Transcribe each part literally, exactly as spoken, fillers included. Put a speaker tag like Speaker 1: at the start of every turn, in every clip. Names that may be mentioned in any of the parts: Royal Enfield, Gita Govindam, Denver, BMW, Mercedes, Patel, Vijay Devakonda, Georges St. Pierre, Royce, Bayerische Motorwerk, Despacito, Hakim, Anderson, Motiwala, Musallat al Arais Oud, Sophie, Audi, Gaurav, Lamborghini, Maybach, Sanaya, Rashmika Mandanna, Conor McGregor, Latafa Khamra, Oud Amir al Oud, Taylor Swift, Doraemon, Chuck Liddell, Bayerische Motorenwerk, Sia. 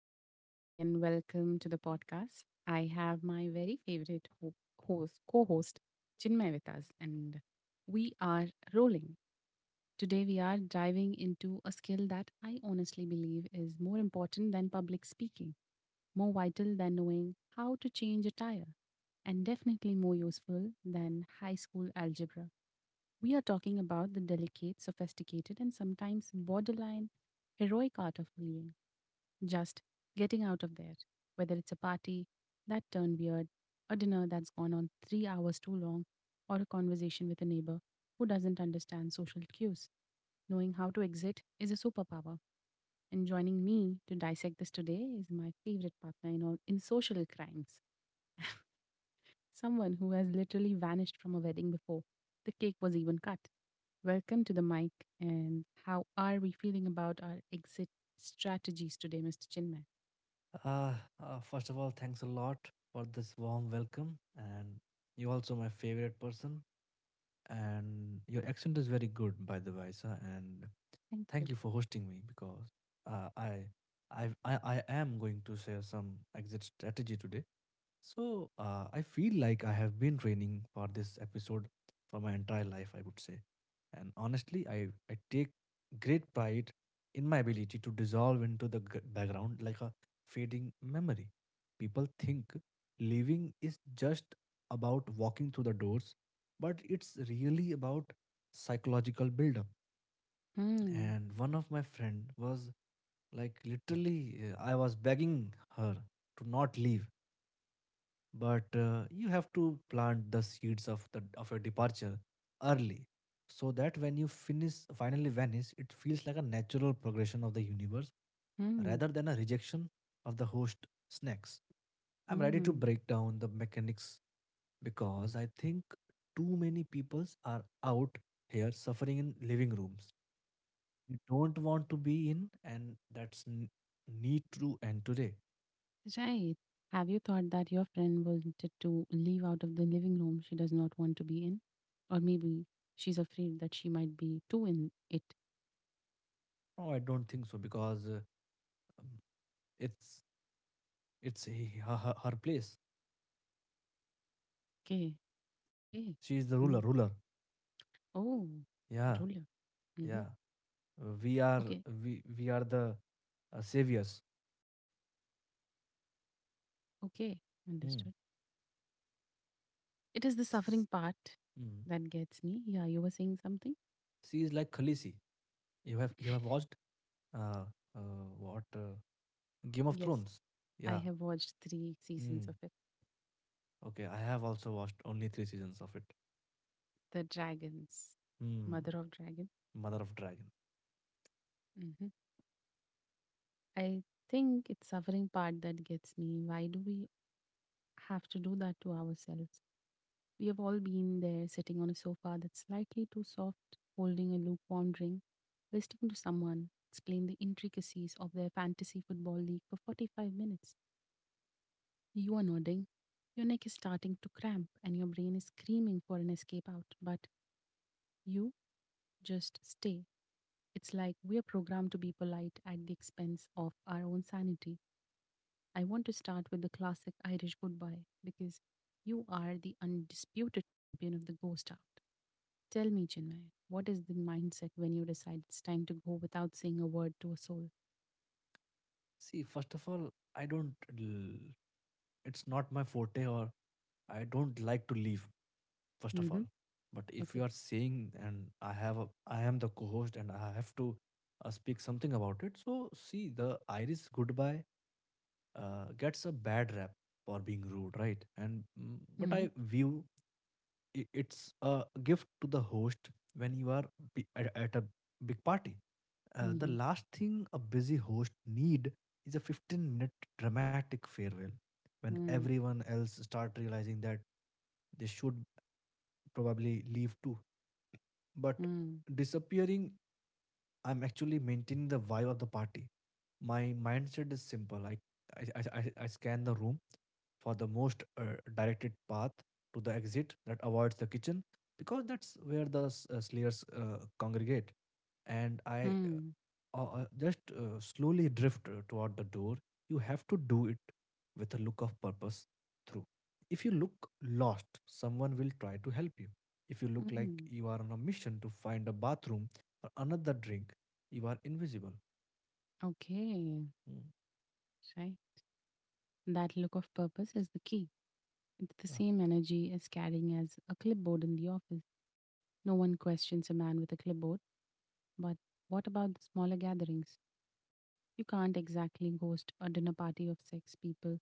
Speaker 1: Hello, everybody, and welcome to the podcast. I have my very favorite ho- host, co-host, Chinmay with us, and we are rolling. Today, we are diving into a skill that I honestly believe is more important than public speaking, more vital than knowing how to change a tire, and definitely more useful than high school algebra. We are talking about the delicate, sophisticated, and sometimes borderline heroic art of living. Just getting out of there, whether it's a party that turned weird, a dinner that's gone on three hours too long, or a conversation with a neighbor who doesn't understand social cues. Knowing how to exit is a superpower, and joining me to dissect this today is my favorite partner in, all, in social crimes, someone who has literally vanished from a wedding before the cake was even cut. Welcome to the mic, and how are we feeling about our exit strategies today, Mister Chinmay?
Speaker 2: Uh, uh, First of all, thanks a lot for this warm welcome. And you also my favorite person. And your accent is very good, by the way, sir. And
Speaker 1: Thank you.
Speaker 2: thank you for hosting me because uh, I, I, I, I am going to share some exit strategy today. So uh, I feel like I have been training for this episode for my entire life, I would say. And honestly, I, I take great pride in my ability to dissolve into the g- background like a fading memory. People think living is just about walking through the doors, but it's really about psychological buildup.
Speaker 1: Hmm.
Speaker 2: And one of my friend was like literally, uh, I was begging her to not leave, but uh, you have to plant the seeds of the of your departure early, so that when you finish finally vanish, it feels like a natural progression of the universe
Speaker 1: Mm,
Speaker 2: rather than a rejection of the host snacks. I'm ready to
Speaker 1: mm,
Speaker 2: break down the mechanics, because I think too many peoples are out here suffering in living rooms you don't want to be in, and that's n- need to end today.
Speaker 1: right. Have you thought that your friend wanted to leave out of the living room she does not want to be in? Or maybe she's afraid that she might be too in it.
Speaker 2: No, I don't think so because uh, um, it's It's he- her, her her place.
Speaker 1: Okay,
Speaker 2: Mm.
Speaker 1: okay.
Speaker 2: She is the ruler.
Speaker 1: Mm.
Speaker 2: Ruler.
Speaker 1: Oh,
Speaker 2: Yeah.
Speaker 1: ruler. Mm-hmm.
Speaker 2: Yeah. Uh, We are
Speaker 1: Okay,
Speaker 2: we we are the uh, saviors.
Speaker 1: okay.
Speaker 2: Mm.
Speaker 1: Understood. It is the
Speaker 2: S-
Speaker 1: suffering
Speaker 2: s-
Speaker 1: part
Speaker 2: mm.
Speaker 1: that gets me. Yeah, you were saying something?
Speaker 2: She is like Khaleesi. You have you have watched uh, uh what uh, Game of
Speaker 1: Yes,
Speaker 2: Thrones?
Speaker 1: I
Speaker 2: Yeah.
Speaker 1: have watched three
Speaker 2: Mm.
Speaker 1: seasons of it.
Speaker 2: Okay. I have also watched only three seasons of it.
Speaker 1: The Dragons,
Speaker 2: Mm.
Speaker 1: Mother of Dragons.
Speaker 2: Mother of Dragon.
Speaker 1: Mm-hmm. I think it's suffering part that gets me. Why do we have to do that to ourselves? We have all been there sitting on a sofa that's slightly too soft, holding a lukewarm drink, listening to someone explain the intricacies of their fantasy football league for forty-five minutes. You are nodding, your neck is starting to cramp, and your brain is screaming for an escape out, but you just stay. It's like we are programmed to be polite at the expense of our own sanity. I want to start with the classic Irish goodbye because you are the undisputed champion of the ghost out. Tell me, Chinmay, what is the mindset when you decide it's time to go without saying a word to a soul?
Speaker 2: See, first of all, I don't. l- It's not my forte, or I don't like to leave. First of all,
Speaker 1: Mm-hmm.
Speaker 2: but if
Speaker 1: Okay.
Speaker 2: you are saying, and I have a, I am the co-host and I have to uh, speak something about it. So see, the Irish goodbye uh, gets a bad rap for being rude, right? And mm, but I
Speaker 1: Mm-hmm.
Speaker 2: view, i- it's a gift to the host when you are b- at, at a big party. Uh, the
Speaker 1: Mm-hmm.
Speaker 2: last thing a busy host need is a fifteen minute dramatic farewell when
Speaker 1: Mm.
Speaker 2: everyone else start realizing that they should probably leave too, but
Speaker 1: Mm.
Speaker 2: disappearing, I'm actually maintaining the vibe of the party. My mindset is simple. I, I, I, I I scan the room for the most uh, directed path to the exit that avoids the kitchen, because that's where the s- uh, slayers uh, congregate. And I
Speaker 1: Mm.
Speaker 2: uh, just uh, slowly drift uh, toward the door. You have to do it with a look of purpose through. If you look lost, someone will try to help you. If you look like
Speaker 1: Mm.
Speaker 2: you are on a mission to find a bathroom or another drink, you are invisible.
Speaker 1: Okay.
Speaker 2: Mm,
Speaker 1: Right. That look of purpose is the key. It's the
Speaker 2: yeah.
Speaker 1: same energy as carrying as a clipboard in the office. No one questions a man with a clipboard, but what about the smaller gatherings? You can't exactly ghost a dinner party of six people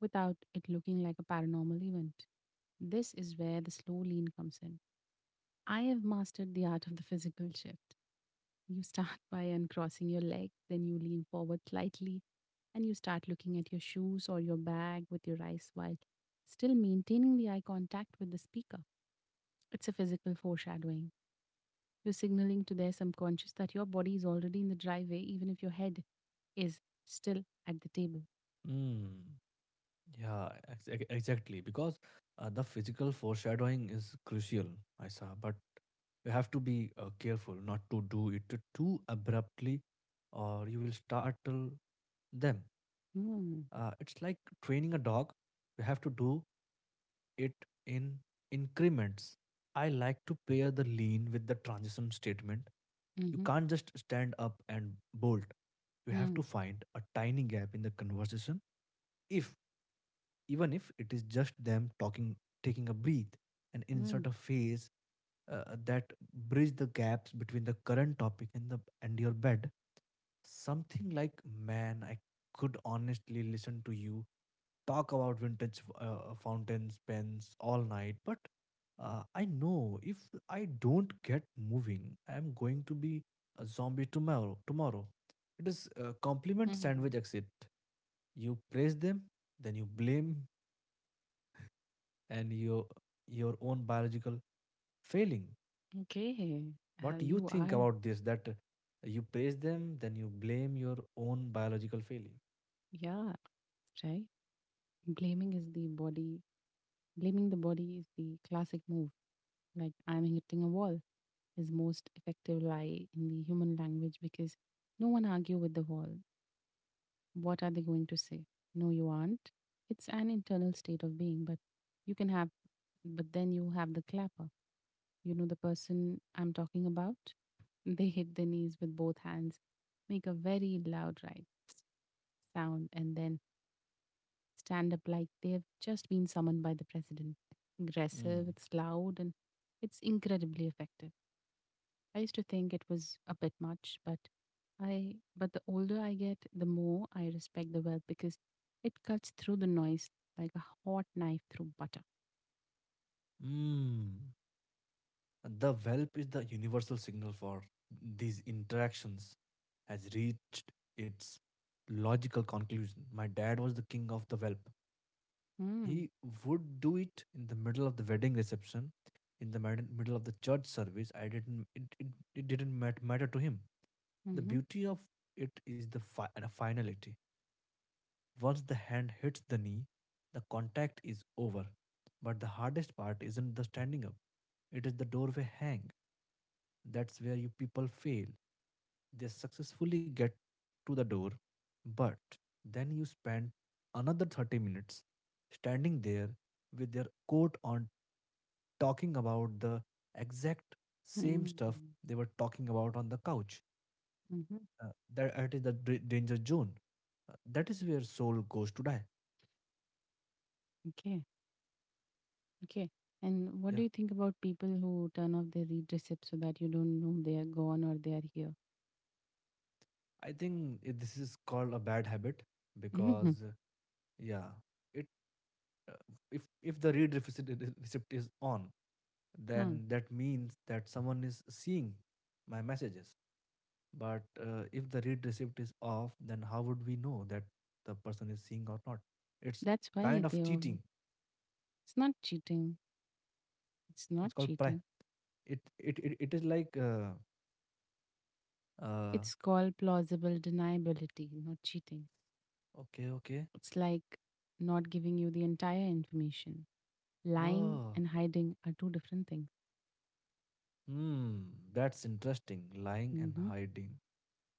Speaker 1: without it looking like a paranormal event. This is where the slow lean comes in. I have mastered the art of the physical shift. You start by uncrossing your leg, then you lean forward slightly, and you start looking at your shoes or your bag with your eyes while still maintaining the eye contact with the speaker. It's a physical foreshadowing. You're signaling to their subconscious that your body is already in the driveway, even if your head is still at the table.
Speaker 2: Mm. Yeah, ex- ex- exactly. Because uh, the physical foreshadowing is crucial, Isa, but you have to be uh, careful not to do it t- too abruptly, or you will startle them.
Speaker 1: Mm.
Speaker 2: Uh, it's like training a dog, you have to do it in increments. I like to pair the lean with the transition statement. You
Speaker 1: Hmm.
Speaker 2: can't just stand up and bolt. You have to
Speaker 1: Mm.
Speaker 2: find a tiny gap in the conversation, if even if it is just them talking, taking a breath, and
Speaker 1: Mm.
Speaker 2: insert a phase uh, that bridge the gaps between the current topic and the and your bed. Something like, man, I could honestly listen to you talk about vintage uh, uh, fountains pens all night, but uh, I know if I don't get moving, I'm going to be a zombie tomorrow tomorrow. It is a compliment
Speaker 1: Mm.
Speaker 2: sandwich exit. You praise them, then you blame and your your own biological failing.
Speaker 1: Okay. Uh,
Speaker 2: What you
Speaker 1: you
Speaker 2: think
Speaker 1: are,
Speaker 2: about this, that you praise them then you blame your own biological failing.
Speaker 1: yeah, right? Blaming is the body, blaming the body is the classic move. Like, I'm hitting a wall is most effective lie in the human language because no one argue with the wall. What are they going to say? No, you aren't. It's an internal state of being, but you can have, but then you have the clapper. You know the person I'm talking about? They hit their knees with both hands, make a very loud right sound, and then stand up like they've just been summoned by the president. Aggressive,
Speaker 2: Mm.
Speaker 1: it's loud, and it's incredibly effective. I used to think it was a bit much, but I but the older I get, the more I respect the wealth because it cuts through the noise like a hot knife through butter.
Speaker 2: Mm. The whelp is the universal signal for these interactions has reached its logical conclusion. My dad was the king of the whelp.
Speaker 1: Mm.
Speaker 2: He would do it in the middle of the wedding reception, in the mid- middle of the church service. I didn't. It, it, it didn't mat- matter to him. The
Speaker 1: Mm-hmm.
Speaker 2: beauty of it is the fi- uh, finality. Once the hand hits the knee, the contact is over. But the hardest part isn't the standing up, it is the doorway hang. That's where you people fail. They successfully get to the door, but then you spend another thirty minutes standing there with their coat on talking about the exact same stuff
Speaker 1: Mm-hmm.
Speaker 2: they were talking about on the couch.
Speaker 1: Mm-hmm.
Speaker 2: Uh, that, that is the d- danger zone. Uh, that is where soul goes to die.
Speaker 1: Okay. Okay. And what
Speaker 2: Yeah,
Speaker 1: do you think about people who turn off their read receipts so that you don't know they are gone or they are here?
Speaker 2: I think it, this is called a bad habit, because uh, yeah, it uh, if if the read receipt receipt is on,
Speaker 1: Mm-hmm. Mm.
Speaker 2: then that means that someone is seeing my messages. But uh, if the read receipt is off, then how would we know that the person is seeing or not? It's
Speaker 1: That's
Speaker 2: kind
Speaker 1: why
Speaker 2: of
Speaker 1: they are.
Speaker 2: cheating.
Speaker 1: It's not cheating. It's
Speaker 2: It's
Speaker 1: not
Speaker 2: called pri-
Speaker 1: cheating.
Speaker 2: it it it, it is like uh, uh
Speaker 1: It's called plausible deniability, not cheating.
Speaker 2: okay, okay.
Speaker 1: It's like not giving you the entire information. Lying
Speaker 2: Oh,
Speaker 1: and hiding are two different things.
Speaker 2: hmm, that's interesting. Lying and
Speaker 1: Mhm.
Speaker 2: hiding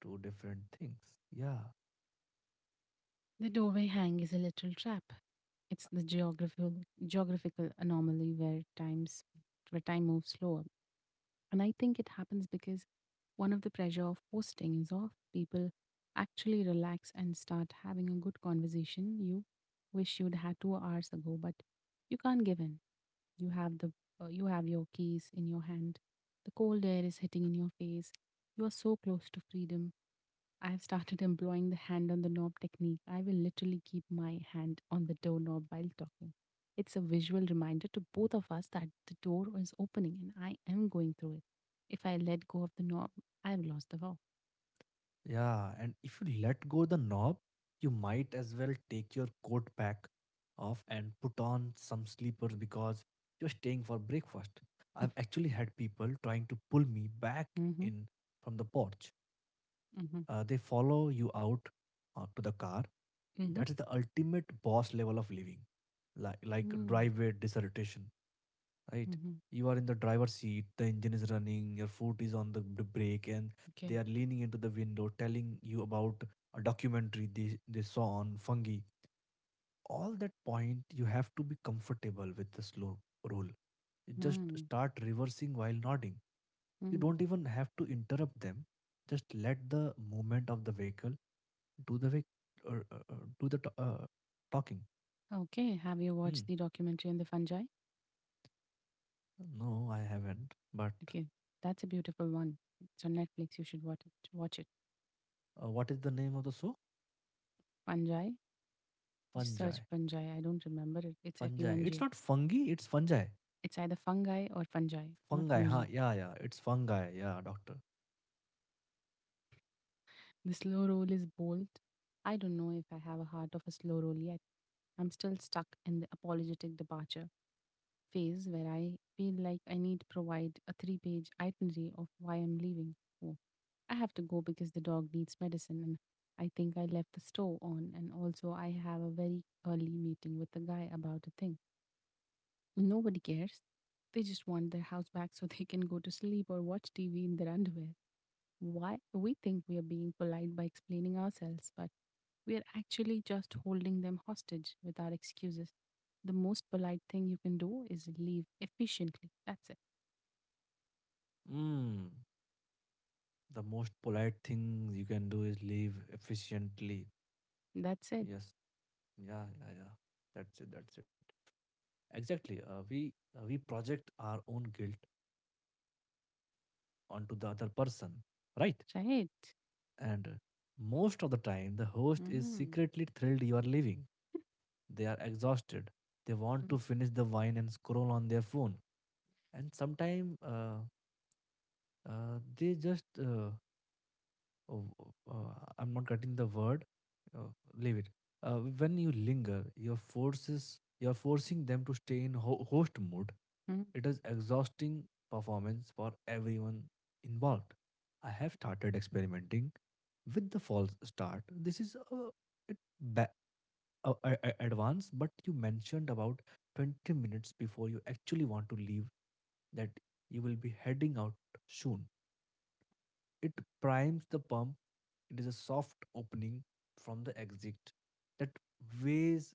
Speaker 2: two different things. Yeah.
Speaker 1: The doorway hang is a literal trap. It's the geographical geographical anomaly where times where time moves slower. And I think it happens because one of the pressure of posting is off. People actually relax and start having a good conversation you wish you'd had two hours ago, but you can't give in. You have the uh, you have your keys in your hand. The cold air is hitting in your face. You are so close to freedom. I have started employing the hand on the knob technique. I will literally keep my hand on the doorknob while talking. It's a visual reminder to both of us that the door is opening and I am going through it. If I let go of the knob, I have lost the vow.
Speaker 2: Yeah. And if you let go the knob, you might as well take your coat back off and put on some sleepers because you're staying for breakfast. I've actually had people trying to pull me back
Speaker 1: Mm-hmm.
Speaker 2: in from the porch. Uh, they follow you out uh, to the car.
Speaker 1: Mm-hmm.
Speaker 2: That is the ultimate boss level of living, like like
Speaker 1: Mm-hmm.
Speaker 2: driveway dissertation, right?
Speaker 1: Mm-hmm.
Speaker 2: You are in the driver's seat, the engine is running, your foot is on the, the brake, and they
Speaker 1: Okay.
Speaker 2: are leaning into the window telling you about a documentary they, they saw on fungi. All that point, you have to be comfortable with the slow rule. You just
Speaker 1: Mm-hmm.
Speaker 2: start reversing while nodding. You
Speaker 1: Mm-hmm.
Speaker 2: don't even have to interrupt them, just let the movement of the vehicle do the vec- or, uh, uh, do the to- uh, talking.
Speaker 1: Okay. Have you
Speaker 2: Hmm.
Speaker 1: watched the documentary on the fungi?
Speaker 2: No, I haven't, but
Speaker 1: Okay, that's a beautiful one. It's on Netflix. You should watch it. Watch it.
Speaker 2: uh, what is the name of the show?
Speaker 1: Fungi. Just
Speaker 2: Fungi.
Speaker 1: search fungi. I don't remember it. It's F U
Speaker 2: Fungi
Speaker 1: N G
Speaker 2: it's
Speaker 1: I.
Speaker 2: not fungi, it's fungi.
Speaker 1: It's either fungi or fungi, not
Speaker 2: Fungi,
Speaker 1: fungi.
Speaker 2: huh? Yeah, yeah, it's fungi, yeah, doctor.
Speaker 1: The slow roll is bold. I don't know if I have a heart of a slow roll yet. I'm still stuck in the apologetic departure phase where I feel like I need to provide a three page itinerary of why I'm leaving. Oh, I have to go because the dog needs medicine and I think I left the stove on. And also, I have a very early meeting with the guy about a thing. Nobody cares. They just want their house back so they can go to sleep or watch T V in their underwear. Why we think we are being polite by explaining ourselves, but we are actually just holding them hostage with our excuses. The most polite thing you can do is leave efficiently. That's it.
Speaker 2: Mm. The most polite thing you can do is leave efficiently.
Speaker 1: That's it.
Speaker 2: Yes. Yeah. Yeah. Yeah. That's it. That's it. Exactly. Uh, we uh, we project our own guilt onto the other person, right?
Speaker 1: Right.
Speaker 2: And most of the time, the host is
Speaker 1: Mm.
Speaker 2: secretly thrilled you are leaving. They are exhausted. They want to finish the wine and scroll on their phone. And sometimes uh, uh, they just uh, oh, oh, uh, I'm not getting the word. Uh, Leave it. Uh, when you linger, your forces you're forcing them to stay in ho- host mode.
Speaker 1: Mhm.
Speaker 2: It is exhausting performance for everyone involved. I have started experimenting with the false start. This is a it ba- a, a, a advance, but you mentioned about twenty minutes before you actually want to leave that you will be heading out soon. It primes the pump. It is a soft opening from the exit that weighs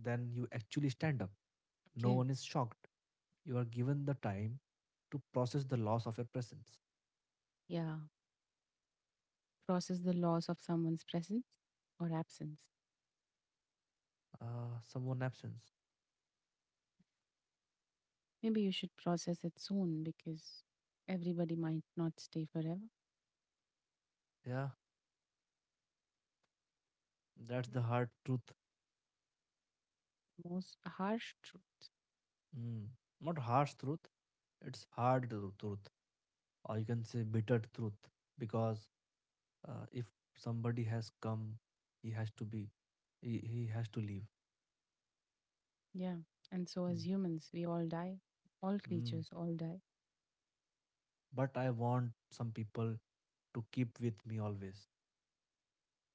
Speaker 2: than you actually stand up. No
Speaker 1: Okay.
Speaker 2: one is shocked. You are given the time to process the loss of your presence.
Speaker 1: Yeah. Process the loss of someone's presence or absence.
Speaker 2: Uh, someone absence.
Speaker 1: Maybe you should process it soon because everybody might not stay forever.
Speaker 2: Yeah, that's the hard truth.
Speaker 1: Most harsh truth.
Speaker 2: Mm. Not harsh truth, it's hard tru- truth. Or you can say bitter truth. Because uh, if somebody has come, he has to be, he, he has to leave.
Speaker 1: Yeah. And so,
Speaker 2: Mm.
Speaker 1: as humans, we all die. All
Speaker 2: Mm.
Speaker 1: creatures all die.
Speaker 2: But I want some people to keep with me always.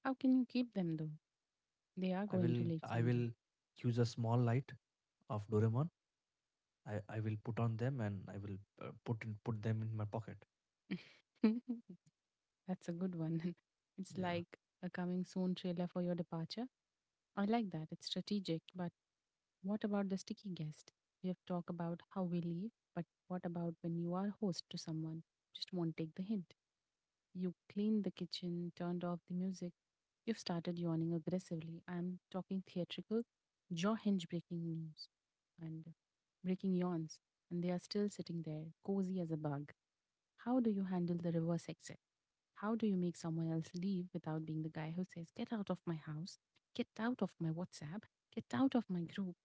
Speaker 1: How can you keep them though? They are
Speaker 2: I
Speaker 1: going to
Speaker 2: will
Speaker 1: leave
Speaker 2: I
Speaker 1: someday.
Speaker 2: will use a small light of Doraemon. I, I will put on them and I will uh, put in, put them in my pocket.
Speaker 1: That's a good one. It's
Speaker 2: Yeah.
Speaker 1: like a coming soon trailer for your departure. I like that. It's strategic. But what about the sticky guest? We have talked about how we leave, but what about when you are host to someone? Just won't take the hint. You cleaned the kitchen, turned off the music. You've started yawning aggressively. I'm talking theatrical, jaw hinge breaking news and breaking yawns, and they are still sitting there, cozy as a bug. How do you handle the reverse exit? How do you make someone else leave without being the guy who says, Get out of my house, get out of my WhatsApp, get out of my group,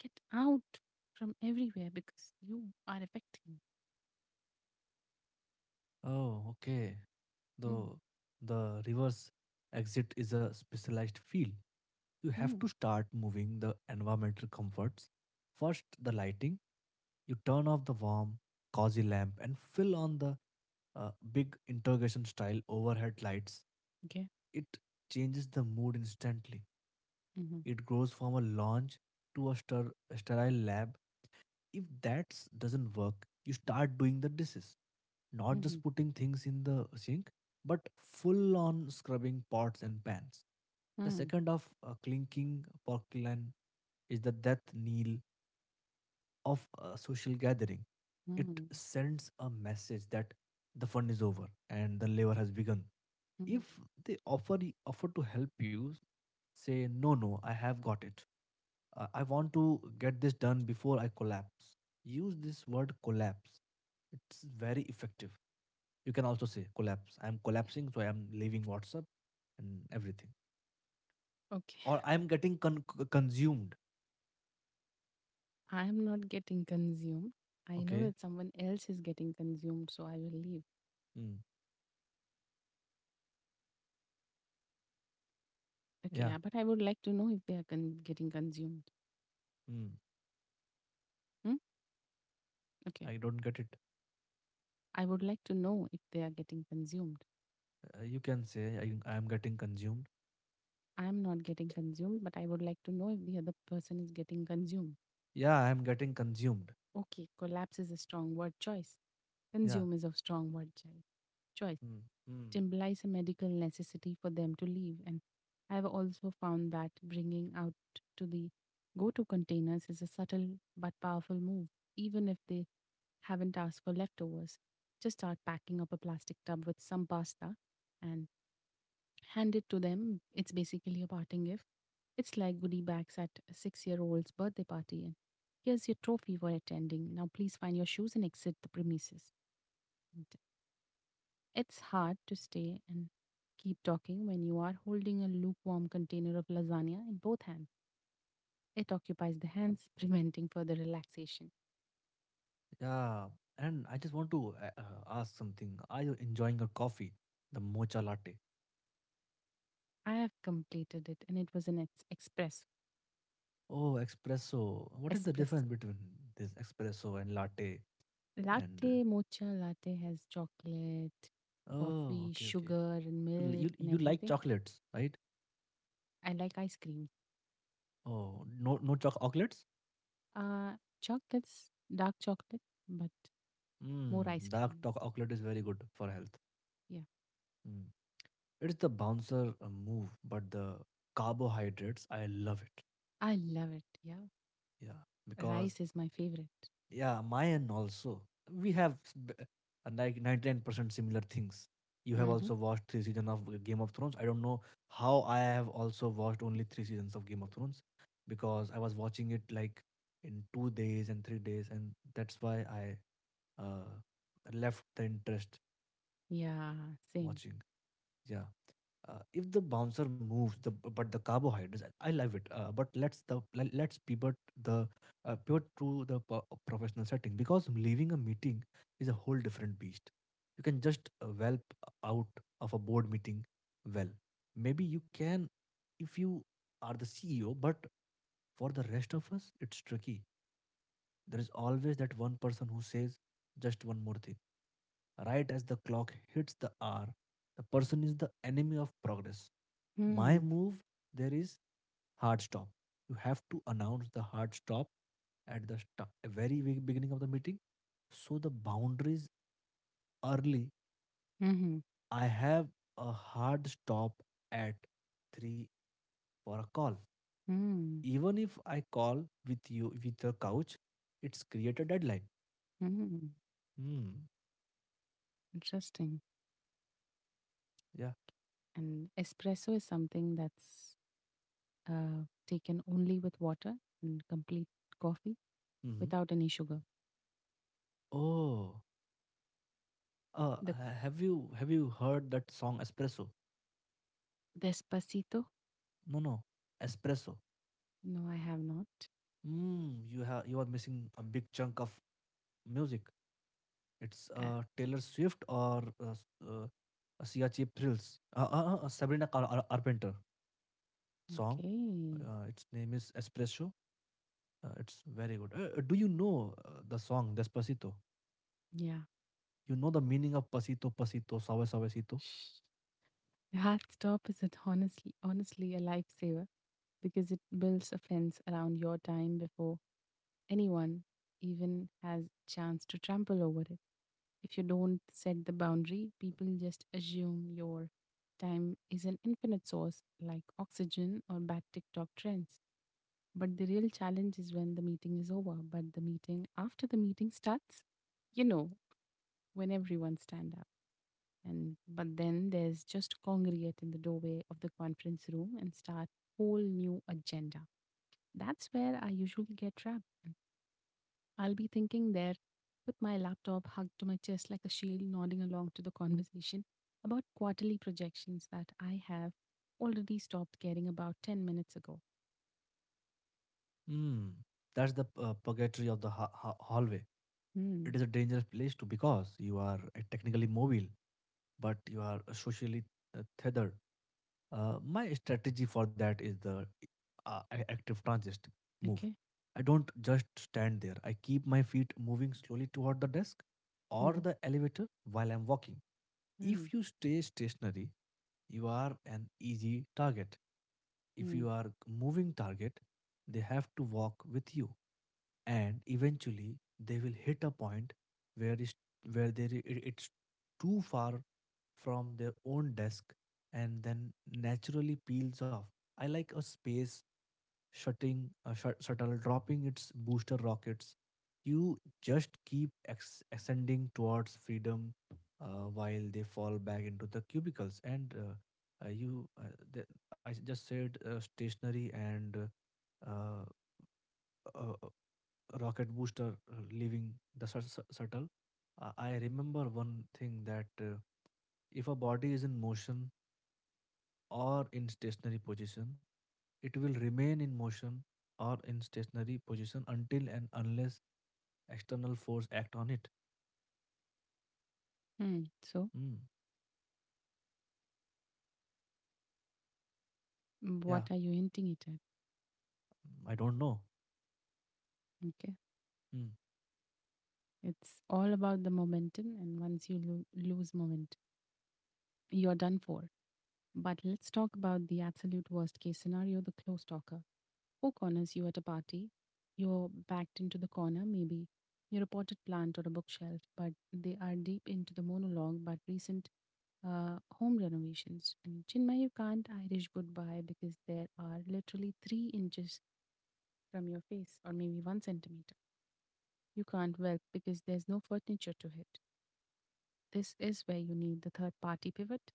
Speaker 1: get out from everywhere because you are affecting?
Speaker 2: Oh, okay. The
Speaker 1: Mm.
Speaker 2: the reverse exit is a specialized field. You have
Speaker 1: Mm.
Speaker 2: to start moving the environmental comforts. First, the lighting. You turn off the warm, cozy lamp and fill on the uh, big interrogation style overhead lights.
Speaker 1: Okay.
Speaker 2: It changes the mood instantly.
Speaker 1: Mm-hmm.
Speaker 2: It grows from a lounge to a, stir- sterile lab. If that s- doesn't work, you start doing the dishes, not
Speaker 1: Mm-hmm.
Speaker 2: just putting things in the sink, but full on scrubbing pots and pans. The
Speaker 1: Mm.
Speaker 2: second of uh, clinking porcelain is the death kneel of a social gathering, it
Speaker 1: Mm.
Speaker 2: sends a message that the fun is over and the labor has begun.
Speaker 1: Mm.
Speaker 2: If they offer offer to help you, say no, no, I have got it. Uh, I want to get this done before I collapse. Use this word collapse. It's very effective. You can also say collapse. I'm collapsing, so I'm leaving WhatsApp and everything.
Speaker 1: Okay.
Speaker 2: Or I'm getting con- c- consumed.
Speaker 1: I am not getting consumed. I know
Speaker 2: Okay.
Speaker 1: that someone else is getting consumed, so I will leave.
Speaker 2: Mm.
Speaker 1: Okay.
Speaker 2: Yeah.
Speaker 1: uh, But I would like to know if they are con- getting consumed.
Speaker 2: Mm.
Speaker 1: Hmm? Okay.
Speaker 2: I don't get it.
Speaker 1: I would like to know if they are getting consumed.
Speaker 2: Uh, you can say I, I'm getting consumed.
Speaker 1: I'm not getting consumed, but I would like to know if the other person is getting consumed.
Speaker 2: Yeah, I'm getting consumed.
Speaker 1: Okay, collapse is a strong word choice.
Speaker 2: Yeah.
Speaker 1: Consume is a strong word choi- choice.
Speaker 2: Mm, mm,
Speaker 1: It implies a medical necessity for them to leave. And I've also found that bringing out to the go to containers is a subtle but powerful move, even if they haven't asked for leftovers. Just start packing up a plastic tub with some pasta and hand it to them. It's basically a parting gift. It's like goodie bags at a six year old's birthday party. And here's your trophy for attending. Now please find your shoes and exit the premises. And it's hard to stay and keep talking when you are holding a lukewarm container of lasagna in both hands. It occupies the hands, preventing further relaxation.
Speaker 2: yeah. And I just want to uh, uh, ask something, are you enjoying your coffee, the mocha latte?
Speaker 1: I have completed it and it was an ex- express
Speaker 2: Oh, espresso. What is the difference
Speaker 1: espresso.
Speaker 2: between this espresso and latte? And
Speaker 1: Latte, mocha latte has chocolate,
Speaker 2: uh, oh,
Speaker 1: coffee,
Speaker 2: okay, okay.
Speaker 1: sugar, and
Speaker 2: You, li- you,
Speaker 1: milk, and
Speaker 2: you like
Speaker 1: everything.
Speaker 2: chocolates, right?
Speaker 1: I like ice cream.
Speaker 2: Oh, no, no, choc chocolates.
Speaker 1: Uh, chocolates, dark chocolate, but more ice
Speaker 2: Mm, dark
Speaker 1: cream.
Speaker 2: choc- chocolate is very good for health.
Speaker 1: Yeah.
Speaker 2: Mm. it's the bouncer uh, move but the carbohydrates I love it
Speaker 1: I love it. Yeah.
Speaker 2: Yeah, because
Speaker 1: Rice is my favorite.
Speaker 2: yeah, my and also we have s- b- uh, like ninety nine percent similar things. You have
Speaker 1: Mm-hmm.
Speaker 2: also watched three seasons of uh, Game of Thrones. I don't know how I have also watched only three seasons of Game of Thrones because I was watching it like in two days and three days, and that's why I uh, left the interest
Speaker 1: Yeah. Same.
Speaker 2: watching. Yeah. Uh, if the bouncer moves, the but the carbohydrates, I love it. Uh, but let's the let- let's pivot the uh, pivot to the po- professional setting because leaving a meeting is a whole different beast. You can just uh, whelp out of a board meeting. Well, maybe you can if you are the C E O, but for the rest of us, it's tricky. There is always that one person who says just one more thing. Right as the clock hits the hour, the person is the enemy of progress. My
Speaker 1: Hmm.
Speaker 2: move there is hard stop. You have to announce the hard stop at the sta- very ve- beginning of the meeting. So the boundaries early.
Speaker 1: Mm-hmm.
Speaker 2: I have a hard stop at three for a call.
Speaker 1: Hmm.
Speaker 2: Even if I call with you with your couch, it's create a deadline.
Speaker 1: Hmm.
Speaker 2: Hmm.
Speaker 1: Interesting.
Speaker 2: Yeah.
Speaker 1: And espresso is something that's uh, taken only with water and complete coffee
Speaker 2: Hmm.
Speaker 1: without any sugar.
Speaker 2: Oh, uh,
Speaker 1: The
Speaker 2: ha- have you have you heard that song Espresso?
Speaker 1: Despacito.
Speaker 2: No, no, Espresso.
Speaker 1: No, I have not.
Speaker 2: Mm, you have you are missing a big chunk of music. It's
Speaker 1: Uh,
Speaker 2: uh, Taylor Swift or uh, s- uh, Sia Cheap Thrills. Uh, uh, uh, Sabrina Car- Ar- Carpenter song.
Speaker 1: okay.
Speaker 2: Uh, its name is Espresso. Uh, it's very good. Uh, uh, do you know uh, the song Despacito?
Speaker 1: Yeah.
Speaker 2: You know the meaning of pasito, pasito, suave, suavecito?
Speaker 1: Shh. The hard stop is it honestly honestly a lifesaver because it builds a fence around your time before anyone even has chance to trample over it. If you don't set the boundary, people just assume your time is an infinite source like oxygen or bad TikTok trends. But the real challenge is when the meeting is over, but the meeting after the meeting starts, you know, when everyone stand up. And but then there's just congregate in the doorway of the conference room and start whole new agenda. That's where I usually get trapped. I'll be thinking there with my laptop hugged to my chest like a shield, nodding along to the conversation about quarterly projections that I have already stopped caring about ten minutes ago.
Speaker 2: Mm, that's the uh, purgatory of the ha- ha- hallway. It
Speaker 1: Hmm.
Speaker 2: is a dangerous place to because you are uh, technically mobile but you are uh, socially uh, tethered. Uh, my strategy for that is the uh, a- active transist move.
Speaker 1: Okay.
Speaker 2: I don't just stand there, I keep my feet moving slowly toward the desk or
Speaker 1: Hmm.
Speaker 2: the elevator while I'm walking. If
Speaker 1: Hmm.
Speaker 2: you stay stationary, you are an easy target. If you
Speaker 1: Hmm.
Speaker 2: are moving target, they have to walk with you, and eventually they will hit a point where is where they i- it's too far from their own desk, and then naturally peels off. I like a space shutting a shut shuttle dropping its booster rockets. You just keep ex- ascending towards freedom, uh, while they fall back into the cubicles, and uh, uh, you uh, the, I s- just said uh, stationary, and uh, uh, uh, rocket booster uh, leaving the shut- shut- shuttle. Uh, I remember one thing that uh, if a body is in motion or in stationary position, it will remain in motion or in stationary position until and unless external force act on it.
Speaker 1: Hmm. So,
Speaker 2: Hmm. Yeah.
Speaker 1: what are you hinting it at?
Speaker 2: Mm, I don't know.
Speaker 1: Okay.
Speaker 2: Hmm.
Speaker 1: It's all about the momentum, and once you lo- lose momentum, you're done for. But let's talk about the absolute worst case scenario, the close talker. Who corners you at a party? You're backed into the corner, maybe. You're a potted plant or a bookshelf, but they are deep into the monologue about recent uh, home renovations. And Chinmay, you can't Irish goodbye because there are literally three inches from your face, or maybe one centimeter. You can't whelp because there's no furniture to hit. This is where you need the third party pivot.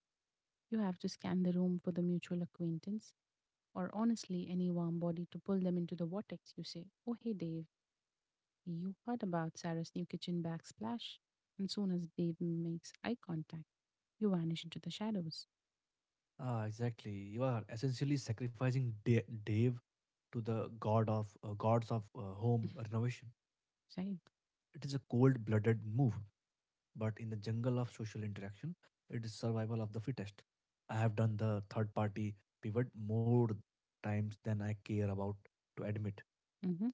Speaker 1: You have to scan the room for the mutual acquaintance or honestly any warm body to pull them into the vortex. You say, "Oh, hey, Dave, you heard about Sarah's new kitchen backsplash?" And soon as Dave makes eye contact, you vanish into the shadows.
Speaker 2: Ah, exactly. You are essentially sacrificing Da- Dave to the god of uh, gods of uh, home renovation.
Speaker 1: Say,
Speaker 2: It is a cold-blooded move. But in the jungle of social interaction, it is survival of the fittest. I have done the third party pivot more times than I care about to admit.
Speaker 1: mm-hmm,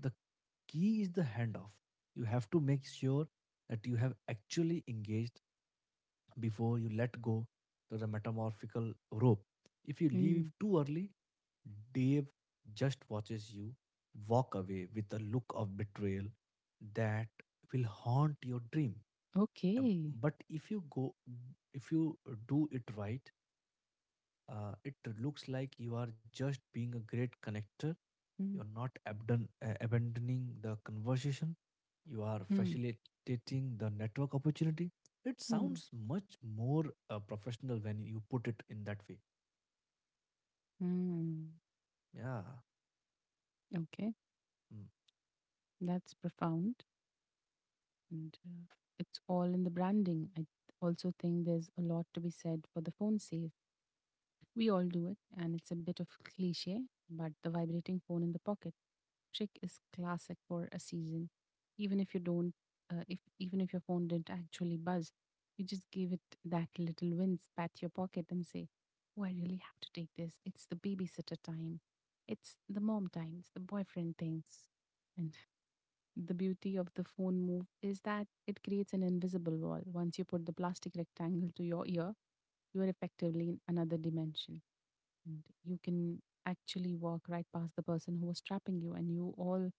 Speaker 2: The key is the handoff. You have to make sure that you have actually engaged before you let go to the metamorphical rope. If you leave
Speaker 1: mm,
Speaker 2: too early, Dave just watches you walk away with a look of betrayal that will haunt your dream. Um,
Speaker 1: okay,
Speaker 2: but if you go if you do it right, uh, it looks like you are just being a great connector. You are not abdon- uh, abandoning the conversation, you are
Speaker 1: mm-hmm,
Speaker 2: facilitating the network opportunity. It sounds much more uh, professional when you put it in that way.
Speaker 1: mm-hmm.
Speaker 2: Yeah.
Speaker 1: Okay,
Speaker 2: Mm.
Speaker 1: that's profound. And uh, it's all in the branding. I also think there's a lot to be said for the phone safe. We all do it, and it's a bit of cliche, but the vibrating phone in the pocket trick is classic for a season. Even if you don't, uh, if even if your phone didn't actually buzz, you just give it that little wince, pat your pocket, and say, "Oh, I really have to take this. It's the babysitter time. It's the mom time. It's the boyfriend thing." And the beauty of the phone move is that it creates an invisible wall. Once you put the plastic rectangle to your ear, you are effectively in another dimension, and you can actually walk right past the person who was trapping you, and you all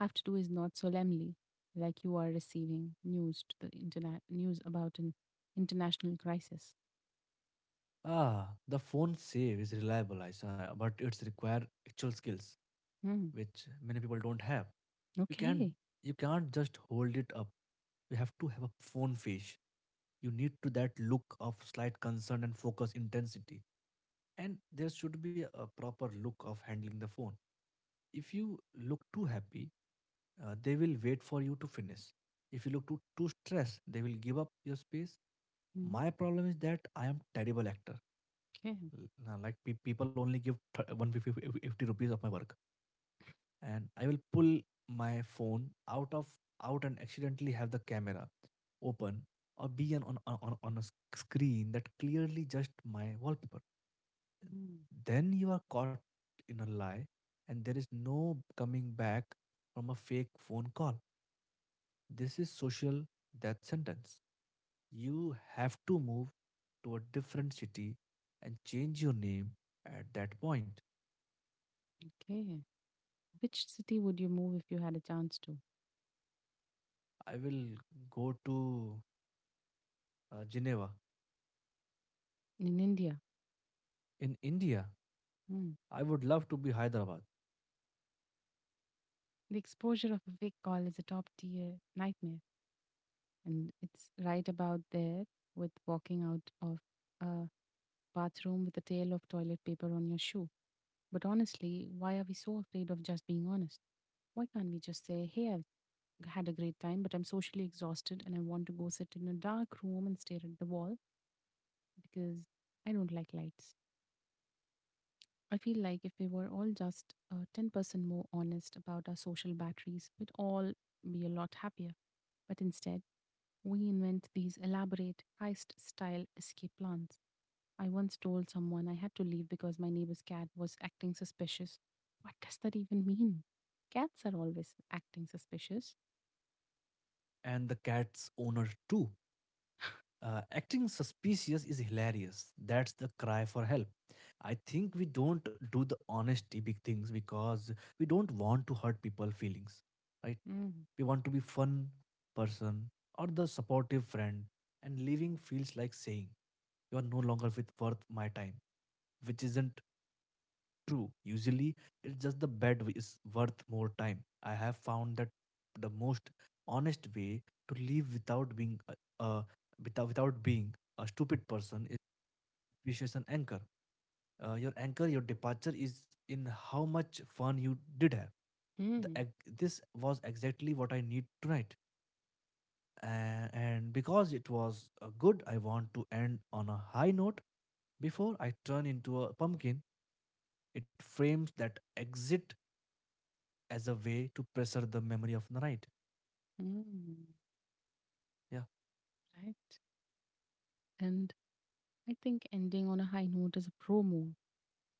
Speaker 1: have to do is not solemnly, like you are receiving news to the internet, news about an international crisis.
Speaker 2: Ah, the phone save is reliable, I saw, but it's require actual skills
Speaker 1: Mm.
Speaker 2: which many people don't have. You can't
Speaker 1: Okay.
Speaker 2: you can't just hold it up. You have to have a phone face. You need to that look of slight concern and focus intensity. And there should be a proper look of handling the phone. If you look too happy, uh, they will wait for you to finish. If you look too, too stressed, they will give up your space.
Speaker 1: Mm.
Speaker 2: My problem is that I am terrible actor.
Speaker 1: Okay.
Speaker 2: L- uh, Like pe- people only give th- one hundred fifty rupees of my work, and I will pull my phone out of out and accidentally have the camera open or be an, on, on, on a s- screen that clearly just my wallpaper.
Speaker 1: Mm.
Speaker 2: Then you are caught in a lie, and there is no coming back from a fake phone call. This is social death sentence. You have to move to a different city and change your name at that point.
Speaker 1: Okay, which city would you move if you had a chance to
Speaker 2: I will go to uh, Geneva.
Speaker 1: in india?
Speaker 2: In India,
Speaker 1: Mm.
Speaker 2: I would love to be Hyderabad.
Speaker 1: The exposure of a fake call is a top tier nightmare, and it's right about there with walking out of a bathroom with a tail of toilet paper on your shoe. But honestly, why are we so afraid of just being honest? Why can't we just say, "Hey, I've had a great time, but I'm socially exhausted and I want to go sit in a dark room and stare at the wall because I don't like lights?" I feel like if we were all just uh, ten percent more honest about our social batteries, we'd all be a lot happier. But instead, we invent these elaborate heist style escape plans. I once told someone I had to leave because my neighbor's cat was acting suspicious. What does that even mean? Cats are always acting suspicious.
Speaker 2: And the cat's owner too. Uh, acting suspicious is hilarious. That's the cry for help. I think we don't do the honesty big things because we don't want to hurt people' feelings, right?
Speaker 1: Mm,
Speaker 2: We want to be fun person or the supportive friend, and leaving feels like saying you are no longer with worth my time, which isn't true. Usually, it's just the bad way is worth more time. I have found that the most honest way to live without being a without, without being a stupid person is appreciation anchor. Uh, your anchor, your departure is in how much fun you did have. The,
Speaker 1: mm,
Speaker 2: ex- this was exactly what I need tonight. Uh, and because it was uh, good, I want to end on a high note. Before I turn into a pumpkin, it frames that exit as a way to pressure the memory of the night.
Speaker 1: mm,
Speaker 2: Yeah.
Speaker 1: right. And I think ending on a high note is a pro move.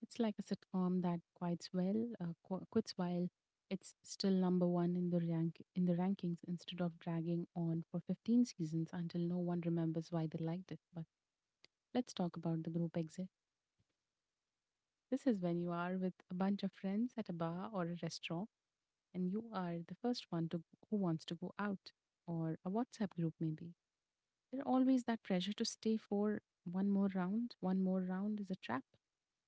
Speaker 1: It's like a sitcom that quits well, uh, qu- quits while it's still number one in the rank in the rankings instead of dragging on for fifteen seasons until no one remembers why they liked it. But let's talk about the group exit. This is when you are with a bunch of friends at a bar or a restaurant and you are the first one to who wants to go out, or a WhatsApp group maybe. There's always that pressure to stay for one more round. One more round is a trap.